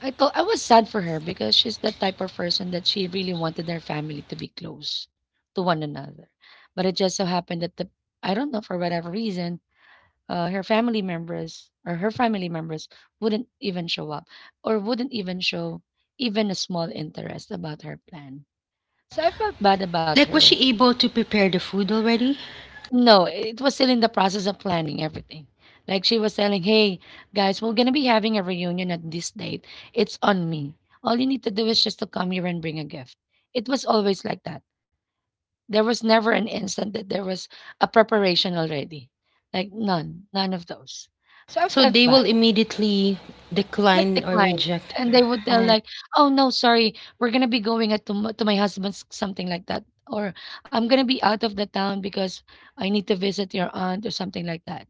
S1: I was sad for her, because she's that type of person that she really wanted her family to be close to one another. But it just so happened that the I don't know for whatever reason, her family members wouldn't even show up, or wouldn't even show even a small interest about her plan. So I felt bad about
S2: Like, was
S1: her.
S2: she able to prepare the food already?
S1: No, it was still in the process of planning everything. Like she was telling, "Hey, guys, we're going to be having a reunion at this date. It's on me. All you need to do is just to come here and bring a gift." It was always like that. There was never an instant that there was a preparation already. Like none, none of those. So I
S2: So
S1: felt
S2: they
S1: bad,
S2: will immediately
S1: like
S2: decline or
S1: declined.
S2: reject.
S1: And they would tell,
S2: Oh,
S1: like, "Oh, no, sorry, we're going to be going at to, to my husband's," something like that. Or I'm going to be out of the town because I need to visit your aunt or something like that,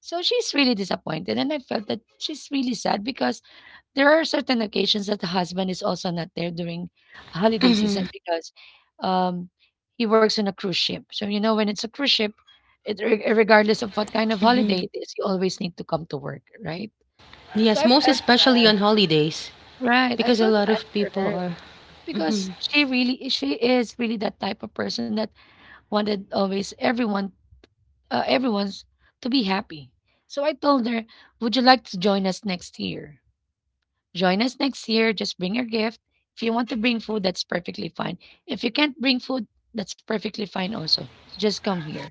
S1: so she's really disappointed, and I felt that she's really sad because there are certain occasions that the husband is also not there during holiday
S2: hmm.
S1: season because um, he works on a cruise ship. So you know, when it's a cruise ship, regardless of what kind of
S2: Hmm,
S1: holiday it is, you always need to come to work, right? So I
S2: yes, most
S1: felt
S2: especially
S1: bad,
S2: on holidays
S1: right? I
S2: because a
S1: felt
S2: lot
S1: bad
S2: of
S1: for
S2: people
S1: her
S2: are.
S1: because she is really that type of person that wanted always everyone's to be happy. So I told her, would you like to join us next year? Join us next year. Just bring your gift. If you want to bring food, that's perfectly fine. If you can't bring food, that's perfectly fine also. Just come here.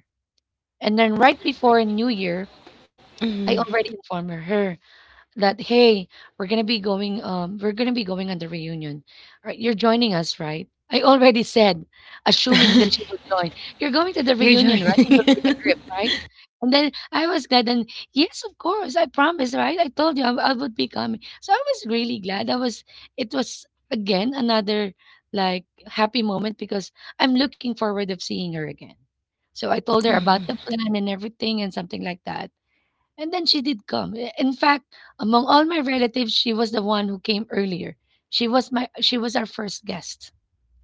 S1: And then right before New Year,
S2: Mhm.
S1: I already informed her that, hey, we're gonna be going on the reunion. All right, you're joining us, right? I already said, assuming that she would join, you're going to the
S2: You're
S1: reunion, right? And you'll bring a
S2: joining. *laughs*
S1: gift, right? And then I was glad. And yes, of course I promised, right? I told you I would be coming, so I was really glad. I was, it was again another like happy moment because I'm looking forward of seeing her again. So I told her about the plan and everything and something like that. And then she did come. In fact, among all my relatives, she was the one who came earlier. She was our first guest.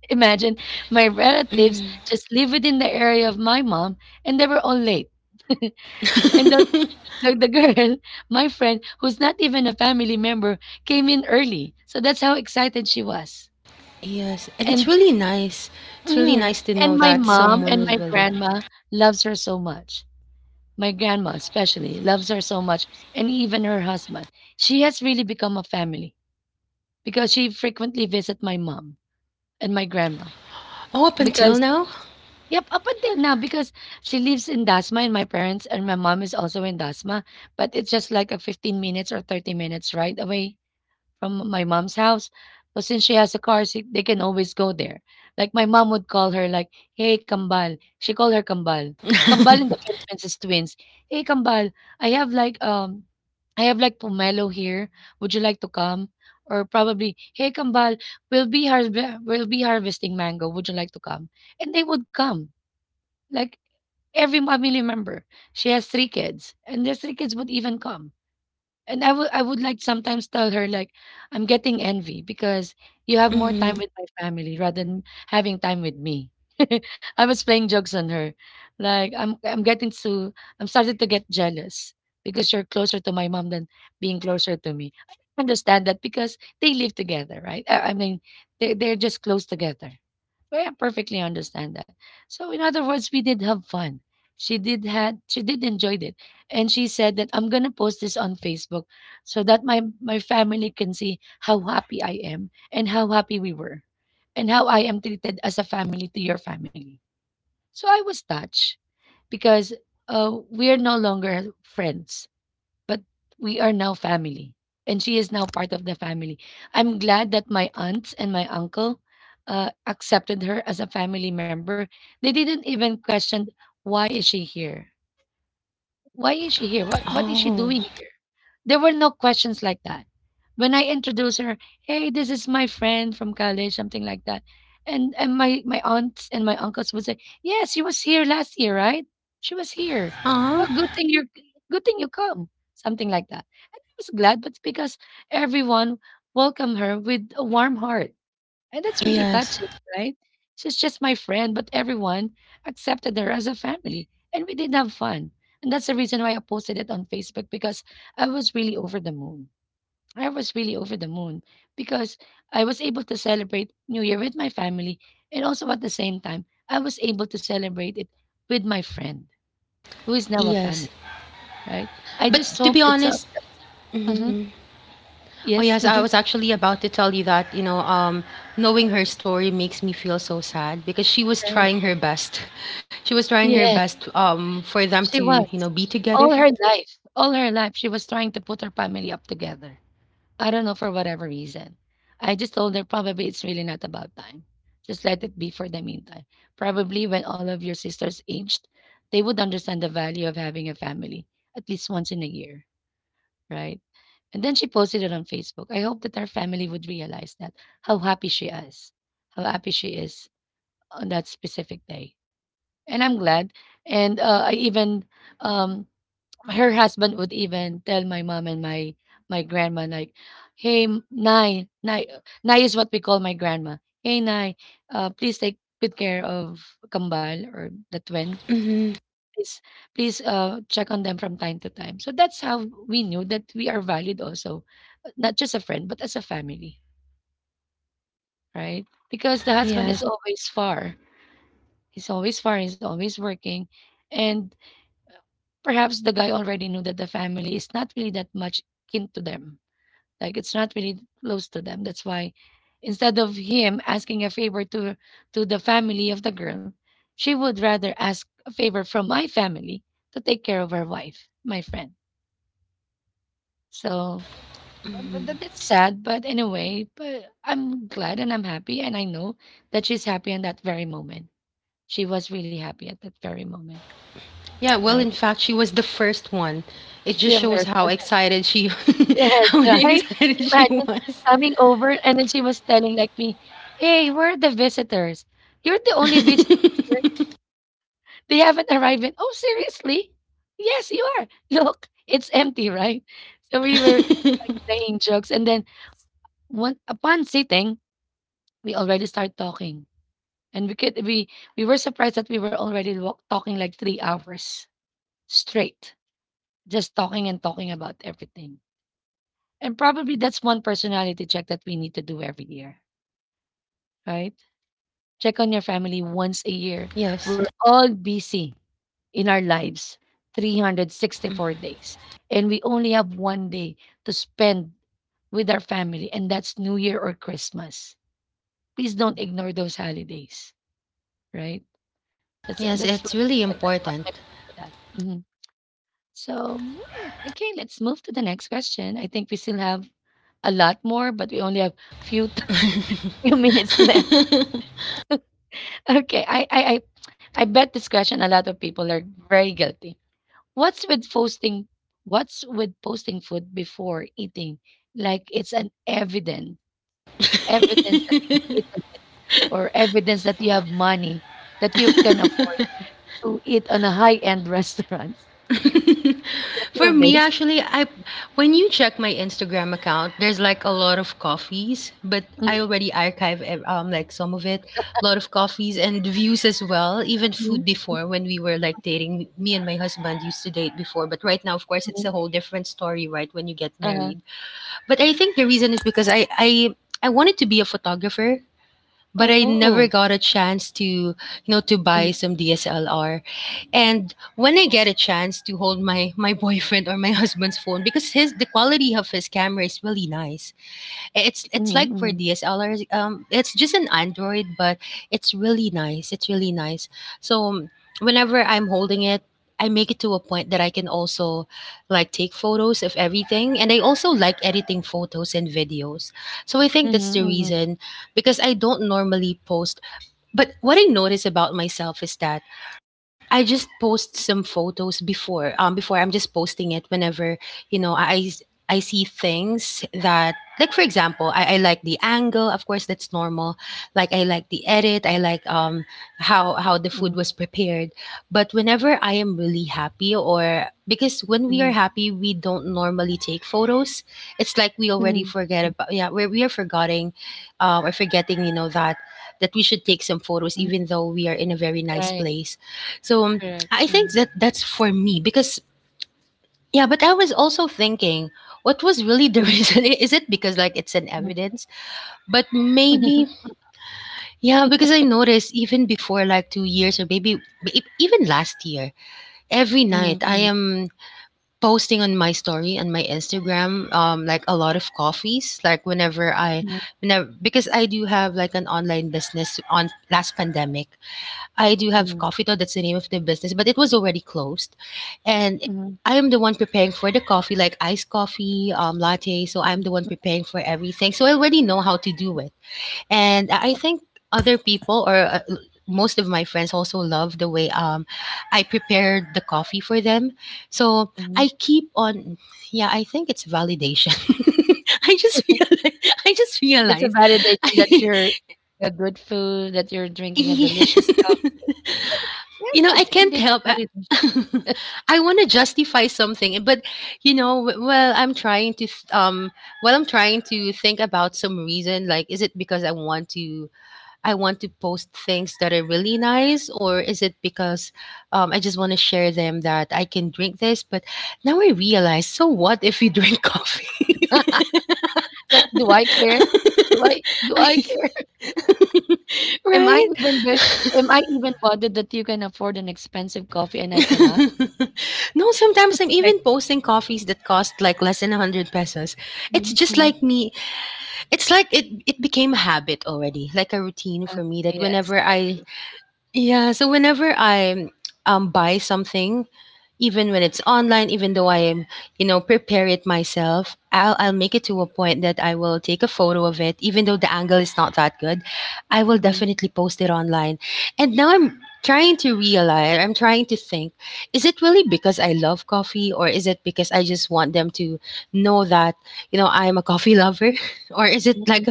S1: *laughs* Imagine, my relatives
S2: Mhm.
S1: just live within the area of my mom, and they were all late. *laughs* And the,
S2: *laughs*
S1: the, the girl, my friend, who's not even a family member, came in early. So that's how excited she was.
S2: Yes, and it's
S1: And
S2: really nice. It's really
S1: mhm,
S2: nice to know
S1: and my
S2: that
S1: mom
S2: someone
S1: and
S2: was
S1: my
S2: willing.
S1: grandma loves her so much. My grandma, especially, loves her so much, and even her husband. She has really become a family because she frequently visits my mom and my grandma.
S2: Oh, up until
S1: Because,
S2: now.
S1: yep, up until now, because she lives in Dasma, and my parents and my mom is also in Dasma, but it's just like a 15 minutes or 30 minutes ride away from my mom's house. But since she has a car, she, they can always go there. Like my mom would call her like, "Hey, Kambal." She called her Kambal. Kambal in the Philippines is twins. "Hey, Kambal, I have like um I have like pomelo here. Would you like to come?" Or probably, "Hey, Kambal, we'll be harv- we'll be harvesting mango. Would you like to come?" And they would come. Like every family member. She has three kids, and their three kids would even come, and I would like sometimes tell her like, "I'm getting envy because you have more
S2: Hmm.
S1: time with my family rather than having time with me." *laughs* I was playing jokes on her. Like, I'm starting to get jealous because you're closer to my mom than being closer to me. I understand that because they live together, right? I mean, they're just close together. Well, I perfectly understand that. So in other words, we did have fun. She did enjoyed it. And she said that I'm gonna post this on Facebook so that my family can see how happy I am and how happy we were and how I am treated as a family to your family. So I was touched because we're no longer friends, but we are now family, and she is now part of the family. I'm glad that my aunts and my uncle accepted her as a family member. They didn't even question, why is she here, what is she
S2: Oh,
S1: doing here? There were no questions like that. When I introduced her, hey, this is my friend from college, something like that. And my, my aunts and my uncles would say, yes, she was here last year, right? She was here. Oh,
S2: ah,
S1: good thing you come. Something like that. And I was glad, but because everyone welcomed her with a warm heart, and that's really
S2: yes,
S1: touching, right? She's just my friend, but everyone accepted her as a family. And we did have fun. And that's the reason why I posted it on Facebook, because I was really over the moon. I was really over the moon because I was able to celebrate New Year with my family. And also at the same time, I was able to celebrate it with my friend, who is now a
S2: yes.
S1: family, right? I
S2: But
S1: just
S2: to be
S1: hope it's a.
S2: honest, mhm.
S1: Mhm.
S2: Oh yes,
S1: Yes.
S2: I was
S1: *laughs*
S2: actually about to tell you that, knowing her story makes me feel so sad because she was trying
S1: Right.
S2: her best. *laughs* She was trying her
S1: Yeah.
S2: best for them to,
S1: She
S2: be
S1: was.
S2: together.
S1: All her life, she was trying to put her family up together. I don't know for whatever reason. I just told her, probably it's really not about time. Just let it be for the meantime. Probably when all of your sisters aged, they would understand the value of having a family at least once in a year, right? And then she posted it on Facebook. I hope that her family would realize that how happy she is, how happy she is on that specific day. And I'm glad. And I even um, her husband would even tell my mom and my grandma like, "Hey, Nai, Nai, Nai is what we call my grandma. Hey, Nai, please take good care of Kambal or the twin.
S2: Hmm.
S1: Please, please check on them from time to time." So that's how we knew that we are valid also, not just a friend but as a family, right? Because the husband
S2: Yes.
S1: is always far. He's always far. He's always working, and perhaps the guy already knew that the family is not really that much kin to them. Like, it's not really close to them. That's why, instead of him asking a favor to the family of the girl, she would rather ask a favor from my family to take care of her wife, my friend. So but that's sad, but anyway, but I'm glad and I'm happy, and I know that she's happy in that very moment. She was really happy at that very moment,
S2: Yeah, well,
S1: right?
S2: in fact, she was the first one. It
S1: The
S2: just
S1: other-
S2: shows how excited she *laughs*
S1: Yes,
S2: how *laughs*
S1: right?
S2: excited she
S1: Imagine
S2: was.
S1: coming over, and then she was telling like me, "Hey, where are the visitors? You're the only visitor here.
S2: *laughs*
S1: They haven't arrived yet." Oh, seriously? Yes, you are. *laughs* Look, it's empty, right? So we were playing jokes, and then one upon sitting, we already start talking, and we were surprised that we were already talking like 3 hours straight, just talking and talking about everything. And probably that's one personality check that we need to do every year, right? Check on your family once
S2: Yes.
S1: a year. We're all busy in our lives 364 days, and we only have one day to spend with our family, and that's New Year or Christmas. Please don't ignore those holidays, right?
S2: Yes,
S1: That's what
S2: it's really
S1: my
S2: important.
S1: point to that. Mhm. So mm, okay, let's move to the next question. I think we still have a lot more, but we only have few *laughs* few minutes left.
S2: *laughs*
S1: Okay, I bet this question a lot of people are very guilty. What's with posting? What's with posting food before eating? Like, it's an evidence, evidence that you've eaten it, or evidence that you have money that you can afford to eat on a high-end *laughs* restaurant.
S2: *laughs*
S1: Guilty
S2: For
S1: of
S2: me,
S1: this?
S2: actually, I when you check my Instagram account, there's like a lot of coffees, but I
S1: Mm-hmm,
S2: already archive like some of it, a lot of coffees and views as well, even food
S1: mm-hmm,
S2: before when we were like dating. Me and my husband used to date before, but right now, of course, it's a
S1: mm-hmm.
S2: whole different story, right? When you get
S1: Uh,
S2: married, but I think the reason is because I wanted to be a photographer but I
S1: oh,
S2: never got a chance to, to
S1: mm,
S2: buy some DSLR. And when I get a chance to hold my *laughs* boyfriend or my *laughs* husband's phone, because his the quality of his camera is really nice, it's
S1: mm,
S2: it's like
S1: mm,
S2: for DSLRs. It's just an Android, but it's really nice. It's really nice. So whenever I'm holding it, I make it to a point that I can also like take photos of everything, and I also like editing photos and videos. So I think that's the
S1: mhm,
S2: reason because I don't normally post. But what I notice about myself is that I just post some photos before. Before I'm just posting it whenever you know I see things that like for example, I like the angle. Of course, that's normal. Like I like the edit. I like how the
S1: mhm,
S2: food was prepared. But whenever I am really happy or because when
S1: mm,
S2: we are happy, we don't normally take photos. It's like we
S1: mhm,
S2: already
S1: mhm,
S2: forget about yeah we are forgetting, or forgetting that that we should take some
S1: mm,
S2: photos even though we are in a very
S1: right,
S2: nice place so
S1: correct.
S2: I
S1: Mm,
S2: think that that's for me because yeah, but I was also thinking what was really the *laughs* reason? Is it because like it's an
S1: mm,
S2: evidence? But maybe
S1: *laughs*
S2: yeah, because I noticed even before like 2 years or maybe even last year, every
S1: mhm,
S2: night I
S1: mhm,
S2: am posting on my story on my Instagram like a lot of coffees like whenever I
S1: mhm,
S2: whenever because I do have like an online business on last pandemic I do
S1: mhm,
S2: have coffee though. That's the name of the business, but it was already closed, and
S1: mhm,
S2: I am the one preparing for the coffee, like iced coffee, latte. So
S1: mhm,
S2: I'm the one preparing for everything. So I already know how to do it, and I think other people or most of my friends also love the way I prepared the coffee for them. So
S1: mhm.
S2: I keep on. Yeah, I think it's validation. *laughs* I just realized. I just
S1: It's a
S2: realized.
S1: validation that you're
S2: *laughs*
S1: a good food, that you're drinking a delicious cup.
S2: I, *laughs*
S1: It's a, yes,
S2: you know, I
S1: it's
S2: can't
S1: indeed
S2: help.
S1: a
S2: I,
S1: validation.
S2: *laughs* I want to justify something, but I'm trying to I'm trying to think about some reason. Like, is it because I want to post things that are really nice, or is it because I just want to share them that I can drink this? But now I realize, so what if you drink coffee?
S1: Like, do I
S2: *laughs*
S1: care? Do I
S2: I,
S1: care? *laughs*
S2: *laughs*
S1: Am I
S2: right?
S1: even the, am I even bothered that you can afford an expensive coffee and I cannot?
S2: *laughs* No, sometimes I'm
S1: Like,
S2: even posting coffees that cost like less than 100 pesos.
S1: mm,
S2: It's just
S1: mm,
S2: like me. It's like it became a habit already, like a routine
S1: uh,
S2: for me that
S1: yes,
S2: whenever
S1: I agree.
S2: I yeah, so whenever I buy something, even when it's online, even though I am, prepare it myself, I'll make it to a point that I will take a photo of it, even though the angle is not that good. I will
S1: Mm,
S2: definitely post it online. And now I'm trying to realize, I'm trying to think, is it really because I love coffee or is it because I just want them to know that, I'm a coffee lover? *laughs* Or is
S1: mm,
S2: it
S1: mm.
S2: like a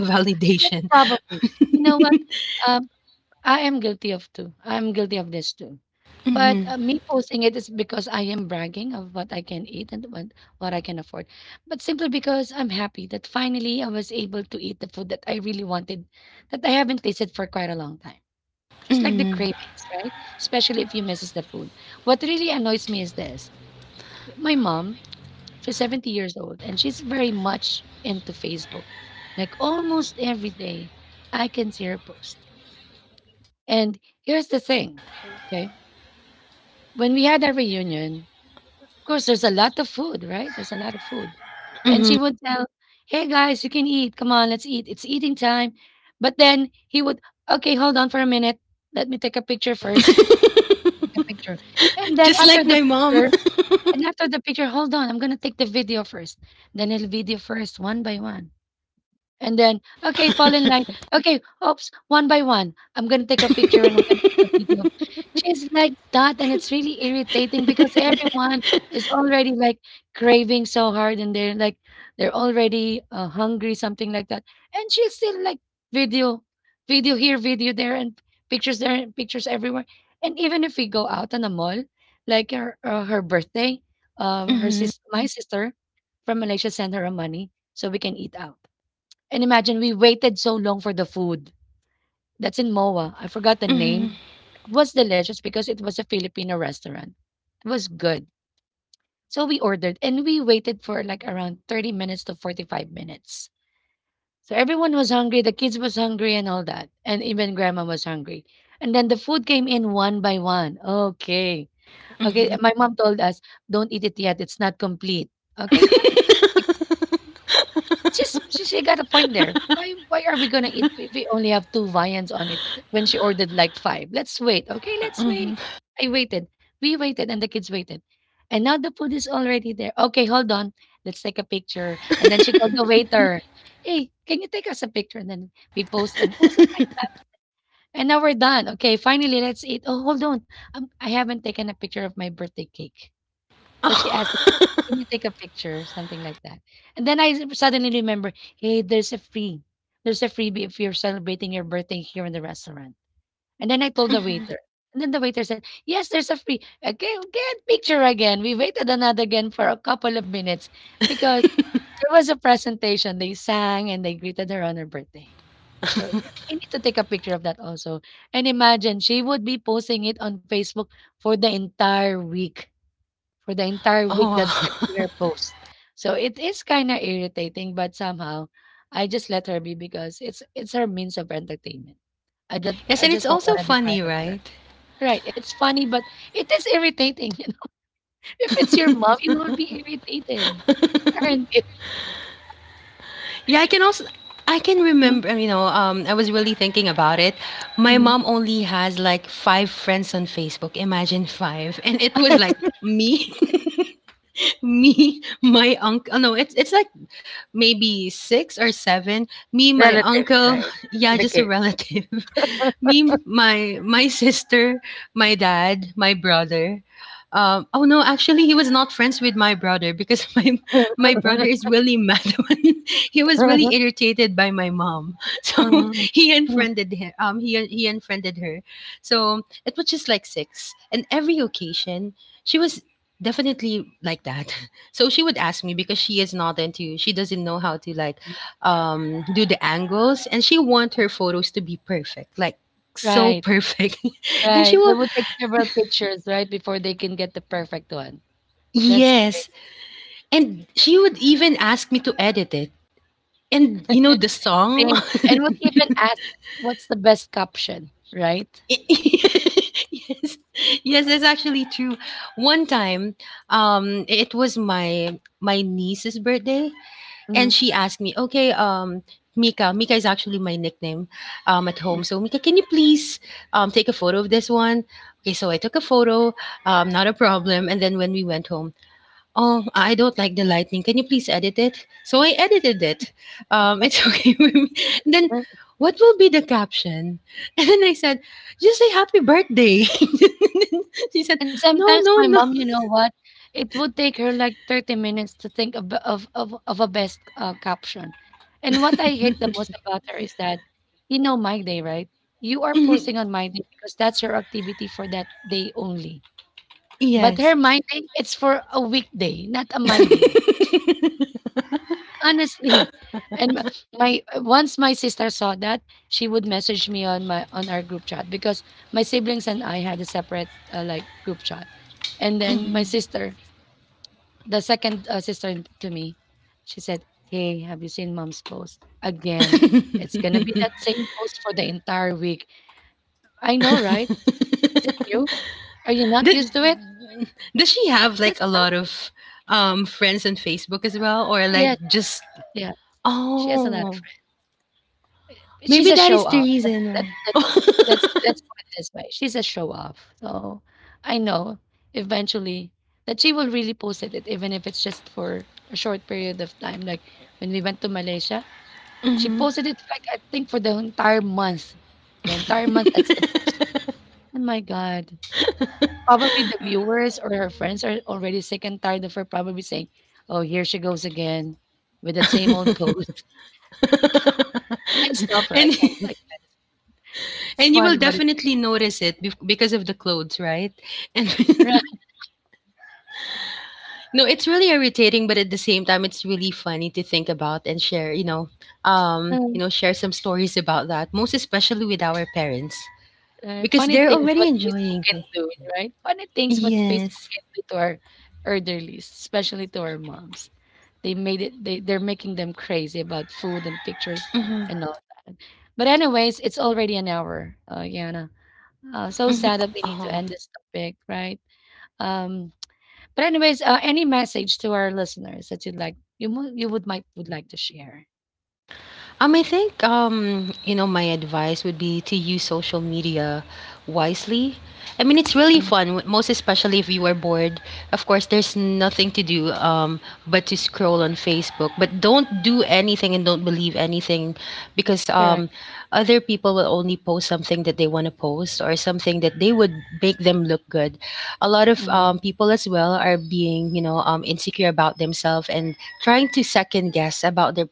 S1: Yeah,
S2: validation? *laughs*
S1: probably. You know what? Um, I am guilty of too. I'm guilty of this too. But
S2: Hmm.
S1: me posting it is because I am bragging of what I can eat and what I can afford. But simply because I'm happy that finally I was able to eat the food that I really wanted, that I haven't tasted for quite a long time. Just like the
S2: Hmm.
S1: cravings, right? Especially if you misses the food. What really annoys me is this. My mom, she's 70 years old and she's very much into Facebook. Like almost every day, I can see her post, and here's the thing, okay? When we had our reunion, of course, there's a lot of food, right? There's a lot of food. And she would tell, hey guys, you can eat. Come on, let's eat. It's eating time. But then he would, okay, hold on for a minute. Let me take a picture
S2: *laughs*
S1: first. Take a picture. And then
S2: Just
S1: after
S2: like
S1: the
S2: my mom.
S1: picture, and after the picture, hold on, I'm going to take the video first. Then he'll video first, one by one. And then, okay, fall in line. Okay, oops, one by one. I'm gonna take a picture
S2: *laughs*
S1: and I'm gonna take a video. Of-" She's like that, and it's really irritating because everyone is already like craving so hard, and they're like they're already hungry, something like that. And she's still like video, video here, video there, and pictures everywhere. And even if we go out on a mall, like her her birthday, her
S2: Mm-hmm,
S1: sis, my sister from Malaysia sent her a money so we can eat out, and imagine we waited so long for the food. That's in MOA. I forgot the
S2: mm-hmm,
S1: name. It was delicious because it was a Filipino restaurant. It was good. So we ordered and we waited for like around 30 minutes to 45 minutes. So everyone was hungry, the kids was hungry and all that. And even grandma was hungry. And then the food came in one by one. Okay. Okay,
S2: mm-hmm,
S1: my mom told us, don't eat it yet. It's not complete. Okay, fine. Just she got a point there. Why are we gonna eat if we only have two viands on it when she ordered like five? Let's wait. Okay, let's wait.
S2: mm-hmm.
S1: I waited. We waited and the kids waited. And now the food is already there. Okay, hold on. Let's take a picture. And then she called the waiter. Hey, can you take us a picture? And then we post and post it like that. And now we're done. Okay, finally, let's eat. Oh, hold on. I haven't taken a picture of my birthday cake.
S2: *laughs*
S1: So she asked,
S2: Oh.
S1: can you
S2: *laughs*
S1: take a picture? Something like that. And then suddenly remember, hey, there's a freebie if you're celebrating your birthday here in the restaurant. And then I told the waiter. And then the waiter said, yes, there's a free. Okay, get picture again. We waited another again for a couple of minutes because there was a presentation. They sang and they greeted her on her birthday. I need to take a picture of that also. And imagine she would be posting it on Facebook for the entire week, for the entire week
S2: Oh
S1: that's gonna be
S2: wow.
S1: her post. So it is kind of irritating, but somehow I just let her be because it's her means of entertainment.
S2: Yes,
S1: I
S2: and it's
S1: just don't
S2: also
S1: want to deprive
S2: funny,
S1: her.
S2: right?
S1: Right. It's funny, but it is irritating, *laughs* If it's your mom, you will be irritated. Aren't you?
S2: Yeah, I can also I can
S1: Mm,
S2: remember, I was really thinking about it. My
S1: mhm.
S2: mom only has like five friends on Facebook. Imagine five. And it was like me, *laughs* me, my uncle. No, it's like maybe six or seven. Me, my
S1: Relatives,
S2: uncle,
S1: right?
S2: *laughs* yeah,
S1: And the
S2: just a
S1: kids.
S2: relative. *laughs* Me, my sister, my dad, my brother. Oh no, actually, he was not friends with my brother because *laughs* my
S1: *laughs*
S2: brother is really mad *laughs* when he was really irritated by my mom *laughs* so
S1: Mhm.
S2: he
S1: Mm.
S2: unfriended him he unfriended her so it was just like six and every occasion she was definitely like that *laughs* so she would ask me because she is not into she doesn't know how to like do the angles and she want her photos to be perfect, like so
S1: Right.
S2: perfect *laughs* and she
S1: Right. They
S2: will
S1: would take several pictures, right, before they can get the perfect one. That's—
S2: yes and she would even ask me to edit it. And you know the
S1: Same,
S2: song?
S1: and would even ask, "What's the best caption?" Right?
S2: *laughs* Yes. Yes, that's actually true. One time, it was my my niece's birthday, and
S1: Mhm,
S2: she asked me, "Okay, Mika," Mika is actually my nickname, at home. "So Mika, can you please, take a photo of this one?" Okay, so I took a photo, not a problem. And then when we went home, "Oh, I don't like the lightning. Can you please edit it?" So I edited it. It's *laughs* okay with me. And then,
S1: mhm,
S2: what will be the caption? *laughs* And then I said, just say happy birthday. *laughs* She said,
S1: and
S2: no,
S1: sometimes
S2: no,
S1: my
S2: no. *clears throat*
S1: mom, you know what? It would take her like 30 minutes to think of a best, caption, and what I hate the most about her is that, you know, My Day, right? You are
S2: Mhm.
S1: posting on My Day because that's your activity for that day only, but
S2: Yes.
S1: her My Day, it's for a weekday, not a My Day. Honestly, and once my sister saw that, she would message me on my on our group chat because my siblings and I had a separate like group chat, and then my
S2: Mhm.
S1: sister, the second sister to me, she said, "Hey, have you seen mom's post again? It's gonna be that same post for the entire week. I know, right?
S2: *laughs*
S1: Is it new? Are you not
S2: Th-
S1: used to it?
S2: does she have
S1: That's
S2: like a
S1: how.
S2: lot of friends on Facebook as well? Or
S1: Yeah,
S2: like just,
S1: yeah. She has a lot.
S2: oh,
S1: She's
S2: maybe
S1: a
S2: that is
S1: show
S2: the
S1: off.
S2: reason
S1: Let's
S2: why.
S1: let's let's put it this way. She's a show off. So I know eventually that she will really post it even if it's just for a short period of time. Like when we went to Malaysia, she
S2: Mhm.
S1: posted it like I think for the entire month. The entire month that's the post. Oh my God. Probably the viewers or her friends are already sick and tired of her, probably saying, oh, here she goes again with that same old post *laughs* and stuff
S2: *laughs*
S1: her. I
S2: And
S1: can't like
S2: *laughs*
S1: it's
S2: and you will
S1: funny, but it's
S2: definitely notice it bef because of the clothes, right? And
S1: *laughs*
S2: *laughs* no, it's really irritating, but at the same time, it's really funny to think about and share,
S1: right.
S2: share some stories about that, most especially with our parents because
S1: Funny
S2: they're
S1: things
S2: already
S1: what Facebook
S2: enjoying
S1: can
S2: it.
S1: do, right? Funny things what Facebook
S2: Yes.
S1: can do to our elderlies, especially to our moms. They made it. They're making them crazy about food and pictures
S2: Mm-hmm.
S1: and all that. But anyways, it's already an hour, Yana. So sad that we need to end this topic, right? Um, but anyways, any message to our listeners that you would like to share?
S2: I think you know, my advice would be to use social media wisely. I mean, it's really
S1: Mm,
S2: fun, most especially if you are bored. Of course, there's nothing to do but to scroll on Facebook. But don't do anything and don't believe anything because
S1: correct.
S2: other people will only post something that they want to post or something that they would make them look good. A lot of
S1: Mm,
S2: people as well are being, insecure about themselves and trying to second guess about their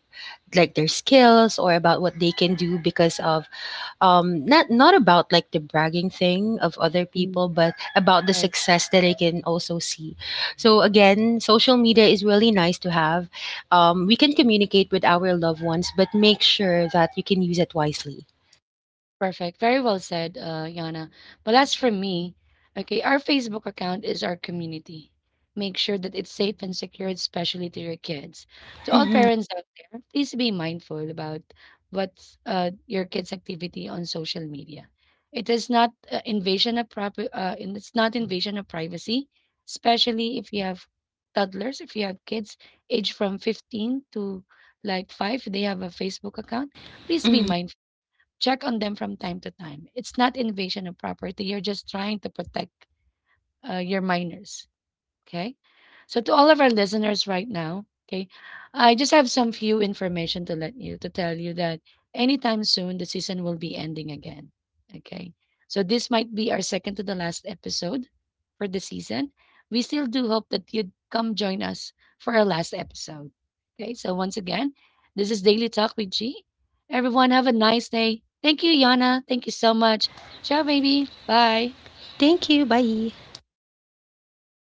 S2: their skills or about what they can do because of not about like the bragging thing of other
S1: mm,
S2: people but about the
S1: right.
S2: success that I can also see so again social media is really nice to have, we can communicate with our loved ones but make sure that you can use it wisely.
S1: Perfect. Very well said, Yana. But as for me, okay, our Facebook account is our community. Make sure that it's safe and secure, especially to your kids. To all
S2: Mhm.
S1: parents out there, please be mindful about what's your kids' activity on social media. It is not and it's not invasion of privacy, especially if you have toddlers, if you have kids aged from 15 to like 5, they have a Facebook account. Please be
S2: Mhm.
S1: mindful. Check on them from time to time. It's not invasion of property. You're just trying to protect your minors. Okay. So to all of our listeners right now, okay, I just have some few information to tell you that anytime soon the season will be ending again. Okay. So this might be our second to the last episode for the season. We still do hope that you'd come join us for our last episode. Okay. So once again, this is Daily Talk with G. Everyone have a nice day. Thank you, Yana. Thank you so much. Ciao, baby. Bye.
S2: Thank you, bye.